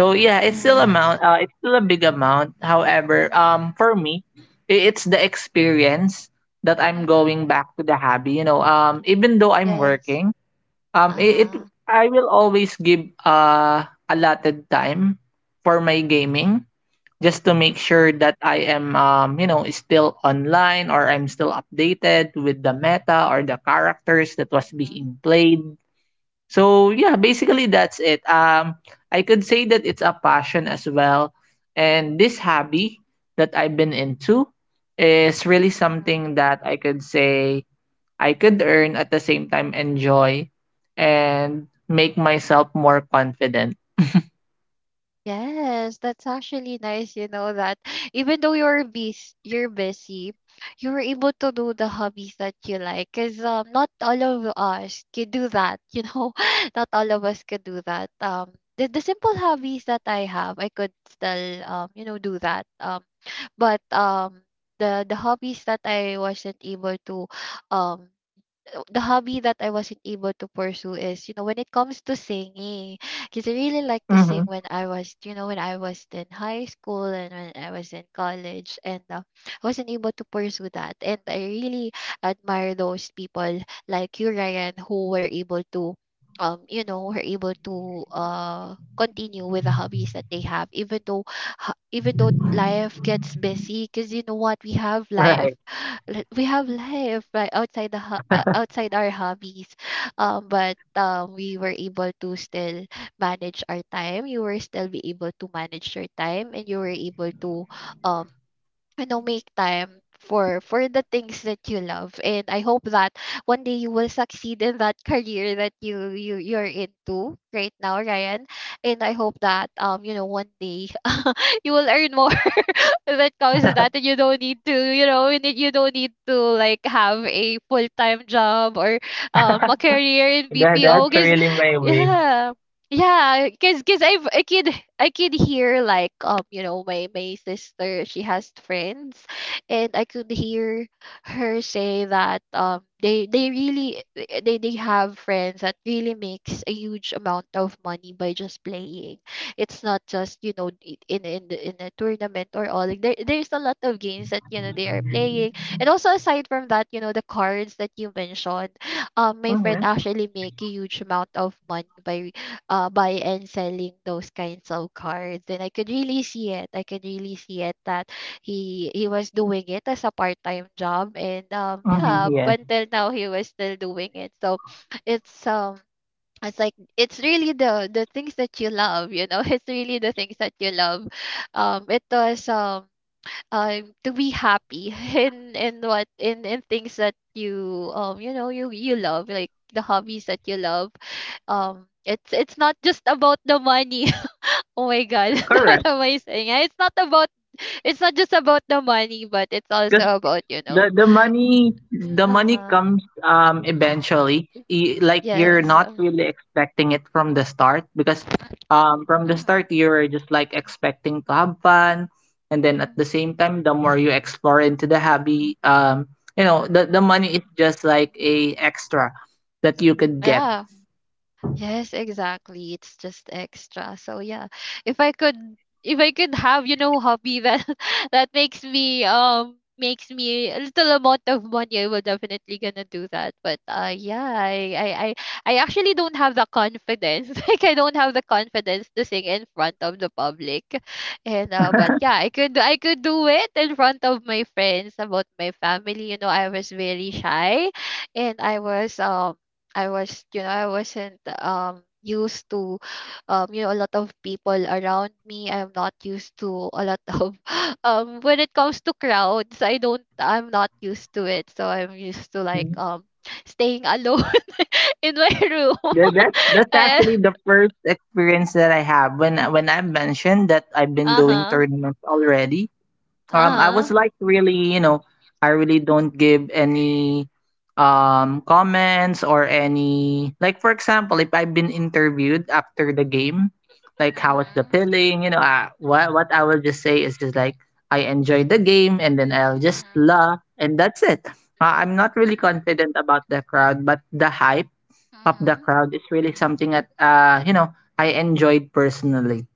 B: So yeah, it's still amount. Uh, it's still a big amount. However,
A: Mhm.
B: um, for me, i- it's the experience that I'm
A: Mhm.
B: going back to the hobby. You know, um, even though I'm
A: Yes.
B: working, um, it, it
A: Uh-huh.
B: I will always give uh allotted time for my gaming just to make
A: Mhm.
B: sure that I am um you know still online or I'm still updated with the meta or the characters that was
A: Mhm.
B: being played so yeah, basically that's it. Um, I could say that it's a passion as well, and this hobby that I've been into is really
A: Mhm.
B: something that I could say I could earn at the same time enjoy and make myself more confident.
A: Yes, that's actually nice, you know, that [LAUGHS] even though you're busy, you're busy, you were able to do the hobbies that you like. Cause, um, not all of us could do that, you know. [LAUGHS] Not all of us could do that. Um, the, the simple hobbies that I have, I could still, um, you know, do that. Um, but um, the the hobbies that I wasn't able to um the hobby that I wasn't able to pursue is, you know, when it comes to singing, because I really like to
B: Mm-hmm.
A: sing when I was, you know, when I was in high school and when I was in college, and, uh, I wasn't able to pursue that. And I really admire those people like you, Ryan, who were able to, um, you know, were able to uh continue with the hobbies that they have, even though, ha- even though life gets busy, because you know what, we have life
B: Right.
A: li- we have life right outside the ho- uh, outside our hobbies, um but um we were able to still manage our time. You were still be able to manage your time, and you were able to, um you know, make time for for the things that you love. And I hope that one day you will succeed in that [LAUGHS] career that you you you're into right now, Ryan. And I hope that, um you know, one day [LAUGHS] you will earn more when it comes to that. You don't need to, you know, you need- you don't need to like have a full time job or
B: [LAUGHS]
A: um
B: that
A: a career in B P O.
B: that's
A: Cause
B: really my way.
A: yeah, yeah, cause cause I've I can I can hear like um you know my my sister she has friends, and I could hear her say that um they they really they they have friends that really makes a huge amount of money by just playing. It's not just, you know, i- in in the, in a tournament or all, like, there there's a lot of games that, you know, they are playing. And also aside from that, you know, the cards that you mentioned, um my friend
B: Mm-hmm.
A: actually make a huge amount of money by uh by and selling those kinds of cards, and I could really see it. I could really see it that he he was doing it as a part-time job, and um yeah,
B: Mm-hmm.
A: up
B: Yes.
A: until now he was still doing it. So it's um it's like, it's really the the things that you love, you know. [LAUGHS] It's really the things that you love. Um it was um um To be happy [LAUGHS] in in what in in things that you, um you know, you you love, like the hobbies that you love. um it's it's not just about the money. [LAUGHS] Oh my god, [LAUGHS] what
B: Correct.
A: am I saying? It's not about— it's not just about the money, but it's also about, you know—
B: the the money the money
A: uh-huh.
B: comes um eventually Y- like you're
A: Yes.
B: not
A: uh,
B: really expecting it from the start because um from the
A: mhm,
B: start you're just like expecting to have fun and then at
A: mhm,
B: the same time the more you explore into the hobby um you know the the
A: mhm.
B: money is just like a extra that you could get.
A: Yeah. Yes, exactly. It's just extra. So yeah, if I could, if I could have, you know, hobby that [LAUGHS] that makes me um makes me a little amount of money, I will definitely gonna do that. But uh, yeah, I I I, I actually don't have the confidence. [LAUGHS] Like I don't have the confidence to sing in front of the public, and uh, but yeah,
B: [LAUGHS]
A: I could I could do it in front of my friends, about my family. You know, I was very shy, and I was um I was, you know, I wasn't um used to um you know, a lot of people around me. I'm not used to a lot of [LAUGHS] um when it comes to crowds, I don't I'm not used to it. So I'm used to like um staying alone [LAUGHS] in my room.
B: Th- That's that's actually
A: [LAUGHS]
B: the first experience that I have when when I mentioned that I've been
A: Uh
B: doing
A: huh.
B: tournaments already. Um, I
A: Uh
B: was
A: huh.
B: like really, you know, I really don't give any um comments or any like for example, if I've been interviewed after the game, like how was the
A: Mhm.
B: feeling, you know, I, what what I will just say is just like I enjoyed the game and then I'll just
A: Mhm.
B: la and that's it. Uh, I'm not really
A: Mhm.
B: confident about the crowd, but the hype of the
A: Mhm.
B: crowd is really something that uh you know I enjoyed personally.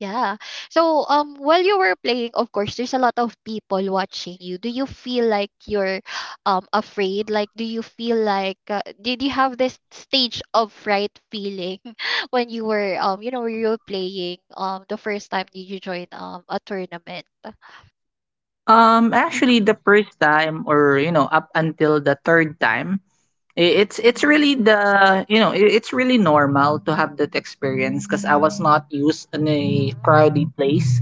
A: Yeah. So um while you were playing, of course, there's a lot of people watching you. Do you feel like you're um afraid? Like do you feel like uh, did you have this stage of fright feeling [LAUGHS] when you were, um you know, when you were playing um the first time that you joined um a tournament?
B: Um, actually, the first time or you know, up until the third time, I- It's it's really the you know i- it's really normal to have that experience because I was not used in a
A: Mm-hmm.
B: crowded place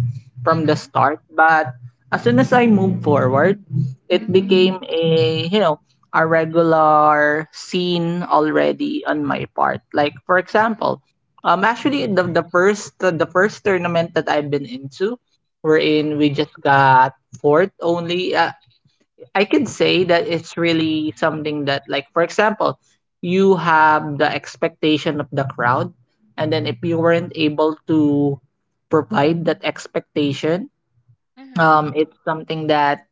B: from the
A: Mm-hmm.
B: start. But as soon as I moved forward, it
A: Mm-hmm.
B: became a you know a regular scene already on my part. Like for example, um actually the the first the the first tournament that I've been into,
A: Mm-hmm.
B: wherein we just got fourth only. Uh, I could say that it's really something that, like, for example, you have the expectation of the crowd, and then if you weren't able to provide that expectation,
A: Mm-hmm.
B: um, it's something that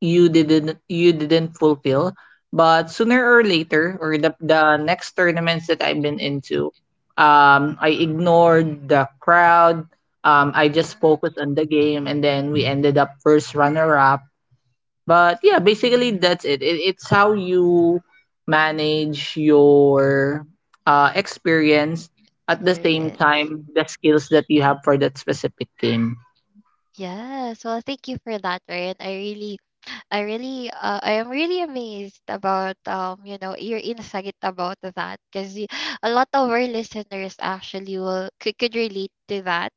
B: you didn't you didn't fulfill. But sooner or later, or the the next tournaments that I've been into, um, I ignored the crowd. Um, I just
A: Mm-hmm.
B: focused on the game, and then we ended up first runner up. But yeah, basically that's it. it it's how you manage your uh, experience at the same
A: Serious.
B: time the skills that you have for that specific game.
A: Yes. Well, thank you for that, Ryan. I really— I really, uh, I am really amazed about, um, you know, your insight about that, because a lot of our listeners actually will could, could relate to that,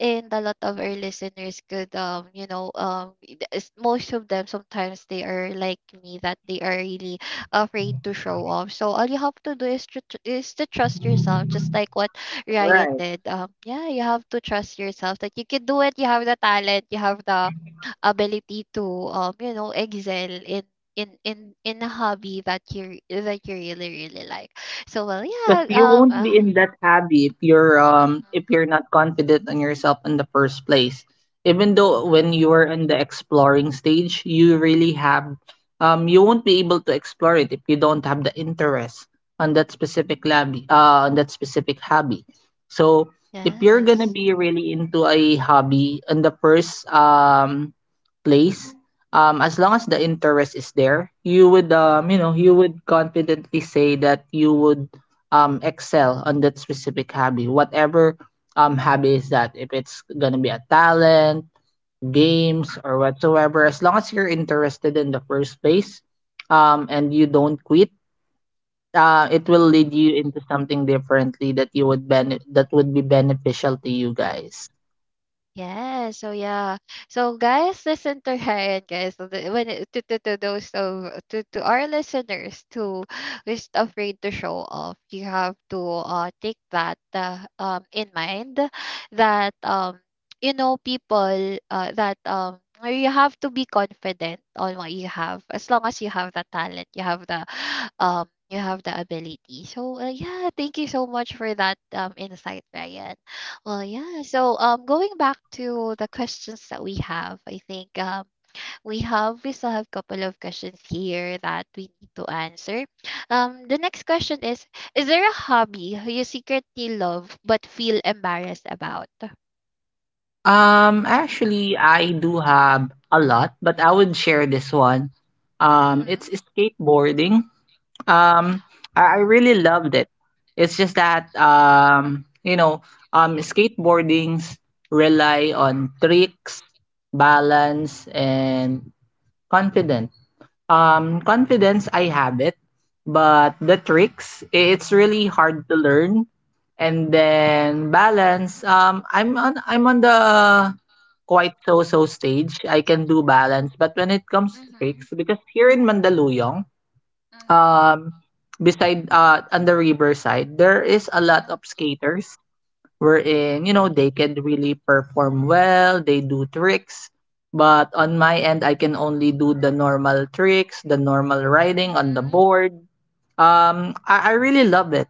A: and a lot of our listeners could, um, you know, um, it- it's- most of them sometimes they are like me, that they are really afraid to show off. So all you have to do is to, tr- is to trust yourself, just like what Ryan
B: Right.
A: did. Um, yeah, you have to trust yourself that you can do it. You have the talent. You have the ability to, um you know, excel in in in in a hobby that you that you really really like. So well,
B: Because
A: yeah.
B: you
A: um
B: won't
A: uh,
B: be in that hobby if you're um if you're not confident on yourself in the first place. Even though
A: mhm.
B: when you are in the exploring stage, you really have um you won't be able to explore it if you don't have the interest on that specific hobby uh on that specific hobby. So if you're gonna
A: Yes.
B: be really into a hobby in the first um place, um, as long as the interest is there, you would um, you know, you would confidently say that you would um excel on that specific hobby whatever um hobby is that if it's gonna be a talent
A: Mhm.
B: games or whatsoever as long as you're interested in the first place um and you don't quit uh it will
A: Mhm.
B: lead you into something differently that you would ben that would be beneficial to you guys.
A: Yes. So yeah. So guys, listen to her. And guys, so the- when it, to, to to those of— to to our listeners who [SIGHS] is afraid to show off, you have to uh take that uh, um in mind, that um you know, people— uh, that um you have to be confident on what you have. As long as you have the talent, you have the [SIGHS] um you have the ability. So uh, yeah, thank you so much for that um insight, Ryan. Well, yeah. So, um, going back to the questions that we have, I think um, we have we still have a couple of questions here that we need to answer. Um, the next question is: Is there a hobby you secretly love but feel embarrassed about?
B: Um actually I do have a lot but I would share this one. Um it's
A: Mm-hmm.
B: skateboarding. Um, I I
A: Oh,
B: really loved it. It's just that um, you know, um, skateboardings rely on tricks, balance, and confidence. Um, confidence I have it, but the tricks i- it's really hard to learn. And then balance, um, I'm on I'm on the quite so so stage. I can do balance, but when it comes to
A: mm-hmm.
B: tricks, because here in Mandaluyong
A: Mm-hmm.
B: um beside uh on the riverside there is a lot of skaters wherein you know
A: Oh,
B: they can really perform well they do tricks but on my end I can only do the normal tricks the normal riding on the
A: mm-hmm.
B: board. um i, I really love it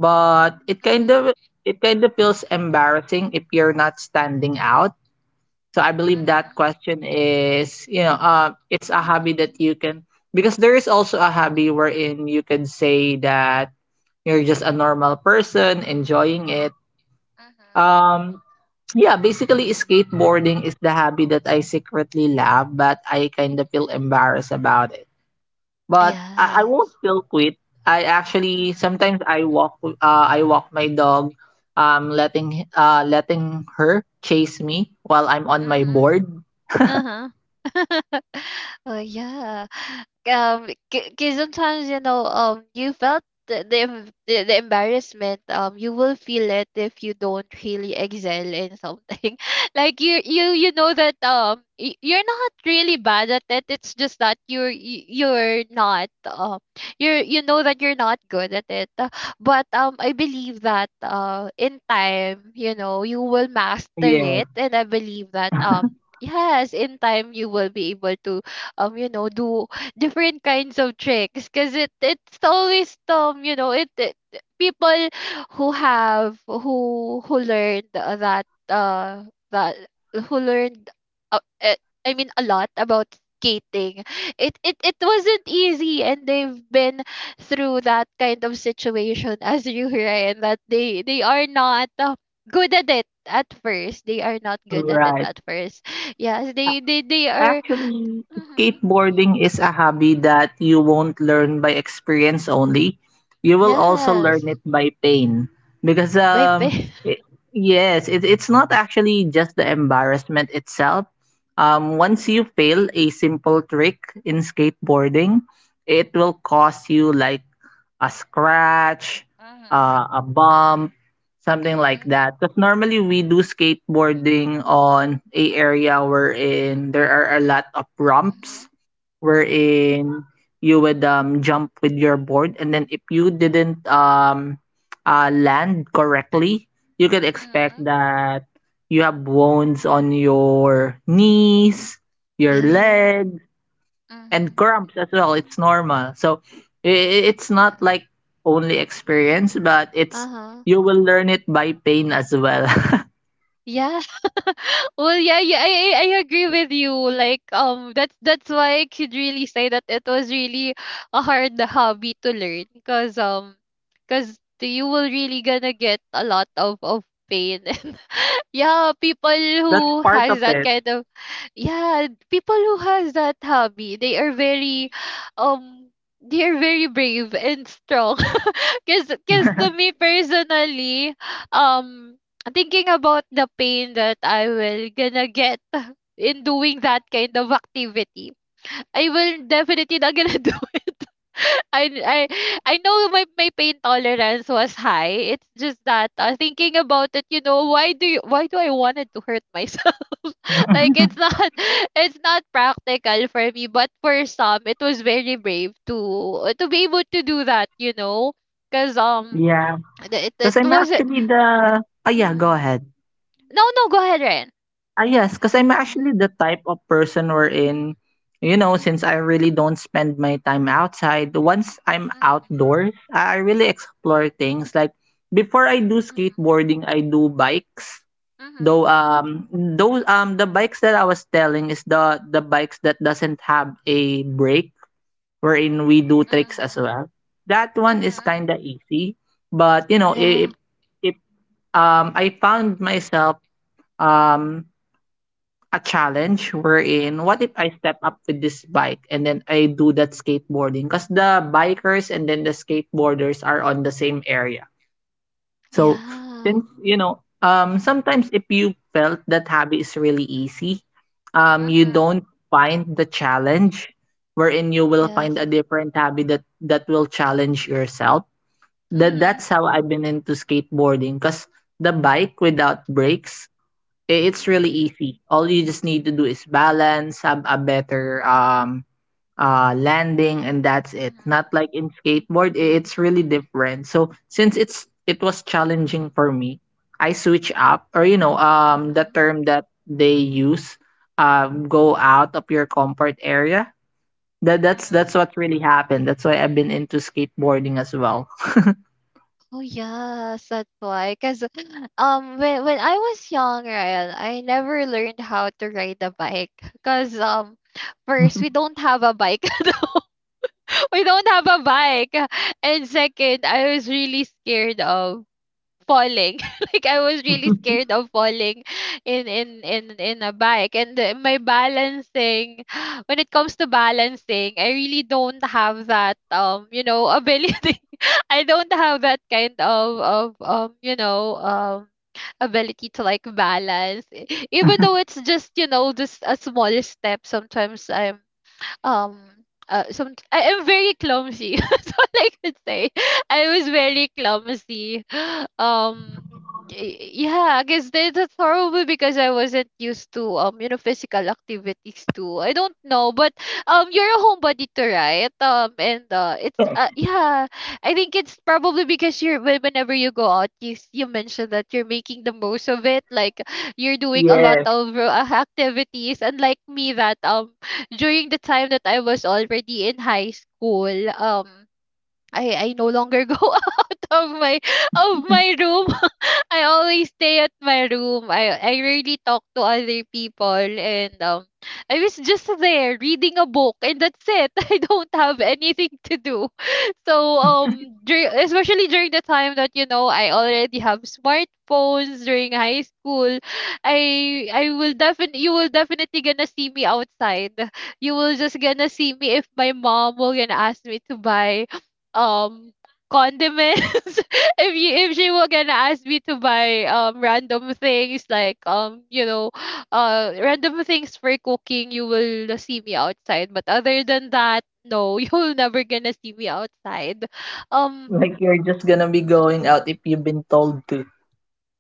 B: but it kind of
A: Mm-hmm.
B: it kind of feels embarrassing if you're not standing out so I believe that
A: Mm-hmm.
B: question is, you know, uh, it's a hobby that you can because there is also a hobby wherein you can say that you're just a normal person enjoying it. Um, yeah, basically skateboarding is the hobby that I secretly love, but I kind of feel embarrassed about it. But
A: Yeah.
B: I, I won't feel quit. I actually sometimes I walk uh, I walk my dog, um, letting uh, letting her chase me while I'm on my
A: Mm-hmm.
B: board.
A: Uh-huh. [LAUGHS] Oh, yeah. Um, because [LAUGHS] sometimes, you know, um, you felt the, the em- the the embarrassment. Um, you will feel it if you don't really excel in something. [LAUGHS] Like you, you, you know that, um, y- you're not really bad at it. It's just that you're y- you're not um, you're— you know that you're not good at it. Uh, But um, I believe that, uh, in time, you know, you will master
B: Yeah.
A: it. And I believe that um yes, in time you will be able to um you know, do different kinds of tricks, because it it's always, um you know, it, it— people who have— who who learned, uh, that uh that who learned, uh, uh, I mean, a lot about skating. It, it it wasn't easy, and they've been through that kind of situation [LAUGHS] as you, Ryan, that they they are not, uh, good at it at first. they are not good at it
B: Right.
A: at first Yes,
B: A-
A: they they they are—
B: Actually,
A: mhm.
B: skateboarding is a hobby that you won't learn by experience only. You will also
A: Yes,
B: learn it by pain. Because
A: by
B: um
A: pay. [LAUGHS]
B: it, yes, it, it's not actually just the embarrassment itself. Um once you fail a simple trick in skateboarding, it will cost you like a scratch,
A: Mhm.
B: uh, a bump, something like
A: Mhm.
B: that. Because normally we do skateboarding on a area wherein there are a lot of
A: Mhm.
B: ramps,
A: Mhm.
B: wherein you would um, jump with your board, and then if you didn't um, uh, land correctly, you could expect
A: Mhm. [LAUGHS]
B: that you have wounds on your knees, your
A: Yeah.
B: legs, and
A: Mhm.
B: cramps as well. It's normal. So i- it's not
A: Mhm.
B: like only experience, but it's
A: Uh-huh.
B: you will learn it by pain as well.
A: Yeah. [LAUGHS] Well, yeah, yeah, I, I I agree with you. Like, um, that's that's why I could really say that it was really a hard hobby to learn, because um, because you will really gonna get a lot of of pain. [LAUGHS] And yeah, people
B: [LAUGHS] That's
A: who
B: part of
A: has that
B: it.
A: kind of— yeah, people who has that hobby, they are very um they are very brave and strong. [LAUGHS] Because because
B: [LAUGHS]
A: to me personally, um thinking about the pain that I will gonna get [LAUGHS] in doing that kind of activity, I will definitely not gonna [LAUGHS] do it. I I I know my my pain tolerance was high. It's just that, uh, thinking about it, you know, why do you why do I wanted to hurt myself? [LAUGHS] Like it's not— [LAUGHS] it's not practical for me, but for some it was very brave to uh, to be able to do that, you know, because um
B: Yeah,
A: it
B: because
A: it
B: I'm
A: was it.
B: actually the ah yeah, go
A: Hmm.
B: ahead.
A: No no, go ahead, Ren.
B: Ah yes, because I'm
A: Mm-hmm.
B: actually the type of person wherein you know since I really don't spend my time outside. Once I'm outdoors, I I really explore things like before I do skateboarding, I do bikes.
A: Mm-hmm. Mm-hmm.
B: Though um those um the bikes that I was telling is the the bikes that doesn't have a brake wherein we do tricks as well. That one is kind of easy, but you know
A: Yeah.
B: if if um I found myself um a challenge wherein what
A: Mm-hmm.
B: if I step up with this bike and then I do that skateboarding because the bikers and then the skateboarders are on the same area. So
A: Yeah.
B: since you know, um, sometimes if you felt that hobby is really easy, um, you don't find the challenge wherein you will
A: Yes.
B: find a different hobby that that will challenge yourself. That
A: Mhm.
B: that's how I've been into skateboarding because the bike without brakes, i- it's
A: Mhm,
B: really easy. All you just need to do is balance, have a better um uh landing and that's it
A: mhm,
B: not like in skateboard i- it's really different so since it's it was
A: mhm,
B: challenging for me I switch up or you know um the
A: mhm,
B: term that they use um go out of your comfort area that that's that's
A: mhm.
B: what really happened that's why I've been into skateboarding as well. [LAUGHS]
A: Oh yes, that's why. Cause um when when I was young, Ryan, I never learned how to ride a bike. Cause um first, we don't have a bike. [LAUGHS] We don't have a bike. And second, I was really scared of falling. [LAUGHS] Like I was really
B: [LAUGHS]
A: scared of falling in in in in a bike. And uh, my balancing, [SIGHS] when it comes to balancing, I really don't have that, um you know, ability. [LAUGHS] I don't have that kind of of um you know, um ability to like balance. E- even though it's just, you know, just a small step, sometimes I'm um uh, some I am very clumsy. [LAUGHS] That's all I could say. I was very clumsy. [GASPS] Um, y- yeah, I guess that— that's probably because I wasn't used to, um, you know, physical activities too. I don't know, but um, you're a homebody too, right? Um, and uh, it's uh, yeah, I think it's probably because you're when- whenever you go out, you s- you mentioned that you're making the most of it. Like you're doing a lot
B: Yes,
A: of uh, activities, unlike me that um during the time that I was already in high school, um, I I no longer [LAUGHS] go out of my— of my room. I always stay at my room. I I rarely talk to other people. And um I was just there reading a book and that's it. [LAUGHS] I don't have anything to do. [LAUGHS] So um dur- especially during the time that, you know, I already have smartphones during high school, I I will definitely you will definitely gonna see me outside. You will just gonna see me if my mom will gonna ask me to buy um condiments. [LAUGHS] If you if she were gonna ask me to buy um random things, like, um you know, uh random things for cooking, you will see me outside. But other than that, no. [LAUGHS] You'll never gonna see me outside. um
B: like you're just gonna be going out if you've been told.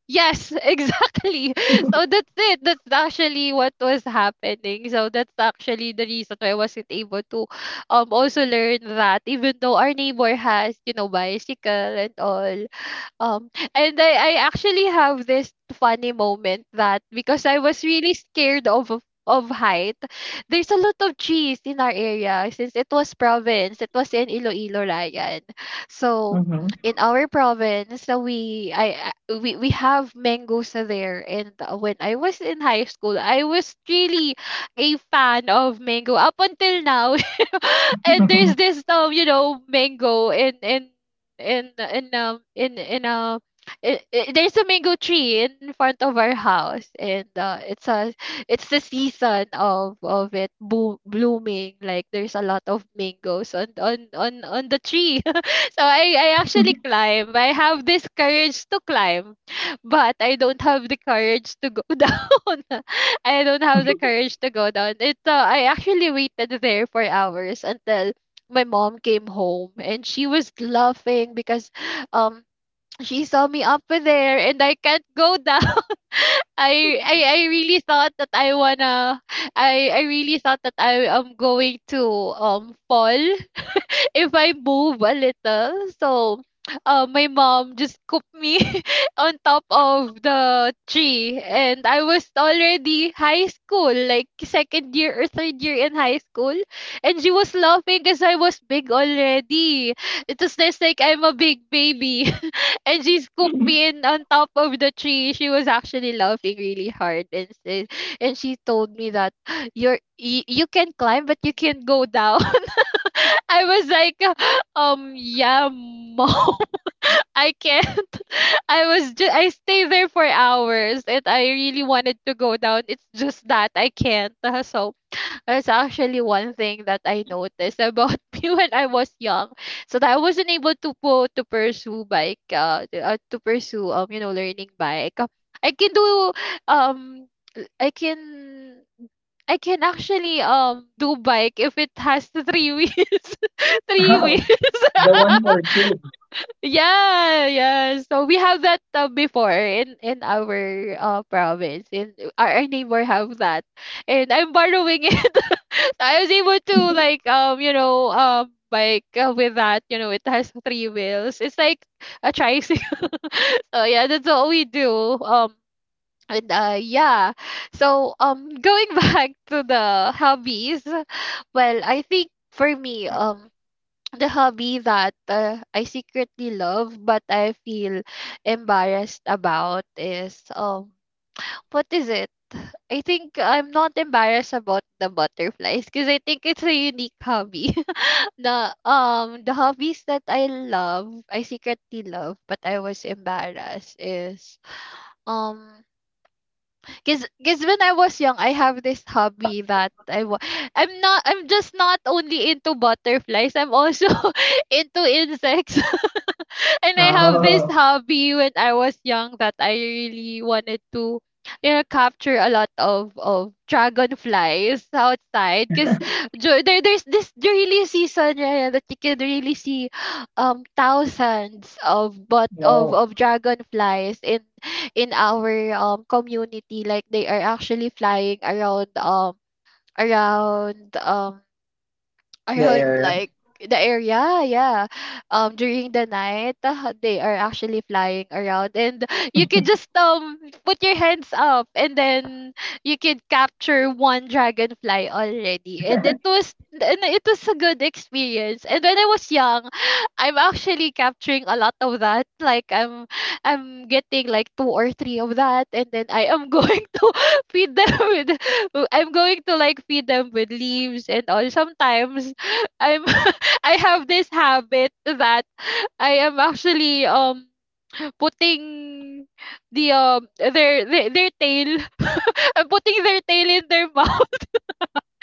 A: Yes, [LAUGHS] exactly. So that's it. That's actually what was happening. So that's actually the reason why I wasn't able to um also learn that, even though our neighbor has, you know, bicycle and all. Um and I, I actually have this funny moment that, because I was really scared of of of height, there's a lot of trees in our area. Since it was province, it was in Iloilo, Ryan. So
B: Mhm.
A: in our province, uh, we I I- we we have mangoes there. And uh, when I was in high school, I was really a fan of mango up until now. [LAUGHS] And there's
B: [LAUGHS]
A: this, um you know, mango in in in in um in in a I I- there's a mango tree in front of our house. And uh, it's a— it's the season of of it bo- blooming, like there's a lot of mangoes on on on on the tree. So I, I actually climb. I have this courage to climb, but I don't have the courage to go [LAUGHS] down. I don't have the courage to go down. It uh, I actually waited there for hours until my mom came home. And she was laughing because um she saw me up there and I can't go down. [LAUGHS] I, I I really thought that I wanna— I I really thought that I am going to um fall [LAUGHS] if I move a little. So uh, my mom just scooped me [LAUGHS] on top of the tree. And I was already high school, like second year or third year in high school. And she was laughing because I was big already. It was just like I'm a big baby. [LAUGHS] And she scooped me in on top of the tree. She was actually laughing really hard. And, said- and she told me that [GASPS] you're, you, you can climb, but you can't go down. [LAUGHS] I was like, um, yeah, mom, [LAUGHS] I can't. [LAUGHS] I was just, I stay there for hours and I really wanted to go down. It's just that I can't. [LAUGHS] So that's actually one thing that I noticed about [LAUGHS] me when I was young. So that I wasn't able to po- to pursue bike, uh, to, uh, to pursue, um, you know, learning bike. I can do, um, I can, I can actually, um, do bike if it has [LAUGHS] the three wheels. [LAUGHS] Three
B: Oh,
A: wheels.
B: the one for kids.
A: Yeah, yeah. So we have that uh, before in in our uh, province. In our, our neighbor have that, and I'm borrowing it. [LAUGHS] I was able to like um you know um bike uh, with that. You know it has three wheels. It's like a tricycle. [LAUGHS] So yeah, that's what we do. Um and uh Yeah. So um going [LAUGHS] back to the hobbies, well I think for me um the hobby that uh, I secretly love but I feel embarrassed about is um what is it? I think I'm not embarrassed about the butterflies because I think it's a unique hobby. [LAUGHS] the um the hobbies that I love, I secretly love but I was embarrassed is um because because when I was young I have this hobby that I wa- I'm not I'm just not only into butterflies, I'm also [LAUGHS] into insects, and I have this
B: Oh,
A: hobby when I was young that I really wanted to, you know, capture a lot of of dragonflies outside because
B: [LAUGHS]
A: there, there's this really season. Yeah, yeah, that you can really see um thousands of but of
B: wow.
A: of dragonflies in in our um community. Like they are actually flying around um around um
B: The
A: around
B: area.
A: like the area. Yeah, yeah. um during the night uh, they are actually flying around, and [LAUGHS] you can just um put your hands up and then you can capture one dragonfly already, and it was and it was a good experience. And when I was young, [SIGHS] I'm actually capturing a lot of that. Like i'm i'm getting like two or three of that and then I am [LAUGHS] going to feed them with, I'm going to like feed them with leaves and all. Sometimes I'm [LAUGHS] I have this habit that I am actually um putting the um their their, their tail, [LAUGHS] I'm putting their tail in their [LAUGHS] mouth. [LAUGHS]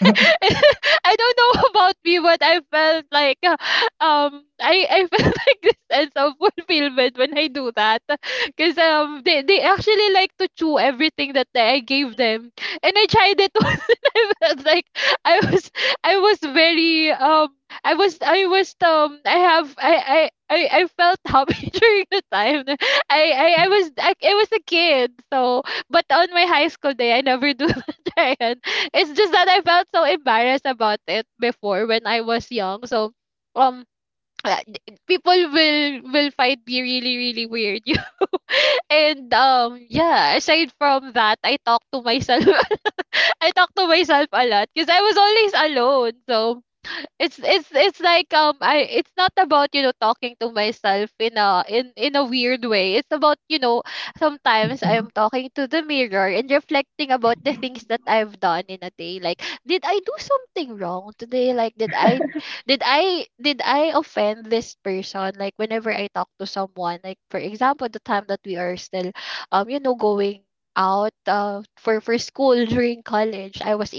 B: [LAUGHS]
A: don't know about me, but I felt like uh, um I I felt [LAUGHS] like this sense of fulfillment when I do that, because um they they actually like to chew everything that I gave them, and I tried it [LAUGHS] once, and I felt like I was I was very um I was I was um I have I I. I, I felt happy [LAUGHS] during the time. I, I, I was I, I was a kid, so, but on my high school day I never do [LAUGHS] that. It's just that I felt so embarrassed about it before when I was young. So um [CLEARS THROAT] uh, d- people will will find me really really weird. [LAUGHS] You and um Yeah, aside from that, I talk to myself. [LAUGHS] I talk to myself a lot because I was always alone. So it's it's it's like um I it's not about, you know, talking to myself in a in in a weird way. It's about, you know, sometimes I am talking to the mirror and reflecting about the things that I've done in a day. Like did I do something wrong today? Like did I did I did I offend this person? Like whenever I talk to someone, like for example, the time that we are still um you know going out uh, for for school during college, i was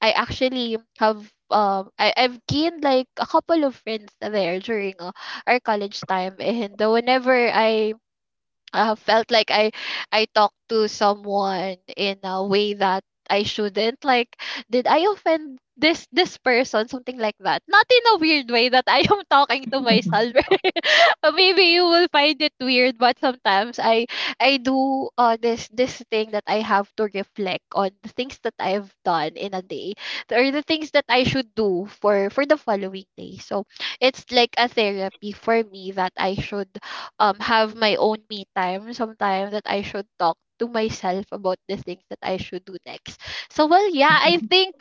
A: I actually have um I, I've gained like a couple of friends there during uh, our college time. And whenever I uh, felt like I I talked to someone in a way that I shouldn't. Like, did I offend this this person? Something like that. Not in a weird way that I am [LAUGHS] talking to myself. [LAUGHS] Uh, maybe you will find it weird, but sometimes I I do uh this this thing that I have to reflect on the things that I've done in a day or the things that I should do for for the following day. So it's like a therapy for me that I should um have my own me time sometime, that I should talk to myself about the things that I should do next. So well yeah, I think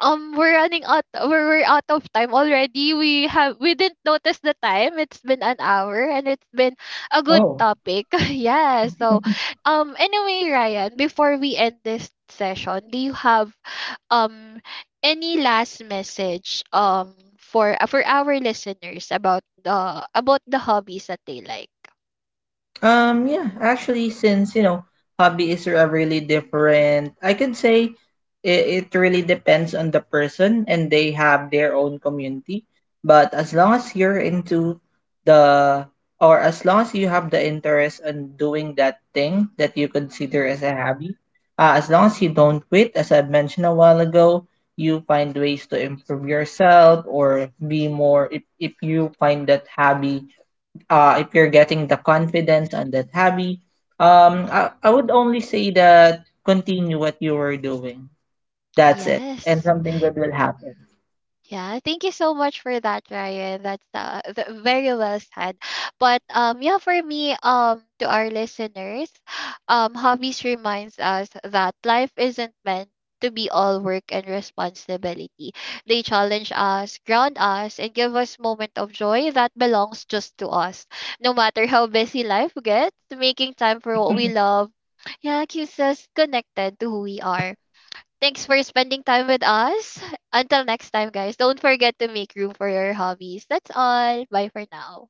A: um we're running out we're, we're out of time already. We have we didn't notice the time. It's been an hour and it's been a good
B: Oh.
A: topic. [LAUGHS] Yeah. So um anyway, Ryan, before we end this session, do you have um any last message um for uh, for our listeners about the about the hobbies that they like.
B: Um, yeah, actually, since you know, hobbies are really different, I could say it, it really depends on the person and they have their own community. But as long as you're into the or as long as you have the interest in doing that thing that you consider as
A: Mhm.
B: a hobby, uh, as long as you don't quit, as I mentioned a while ago, you find ways to improve yourself or be more if, if you find that hobby uh, if you're getting the confidence on that hobby,
A: Mm.
B: um, I, I would only say that continue what you were doing. That's it,
A: Yes.
B: and something good will happen.
A: Mm. Yeah, thank you so much for that, Ryan. That's uh, th- very well said. But um, yeah, for me, um, to our listeners, um, hobbies reminds us that life isn't meant to be all work and responsibility. They challenge us, ground us, and give us moment of joy that belongs just to us. No matter how busy life gets, making time for what we love, yeah, keeps us connected to who we are. Thanks for spending time with us. Until next time, guys, don't forget to make room for your hobbies. That's all. Bye for now.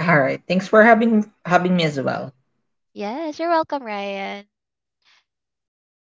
B: All right. Thanks for having having me as well.
A: Yes, you're welcome, Ryan.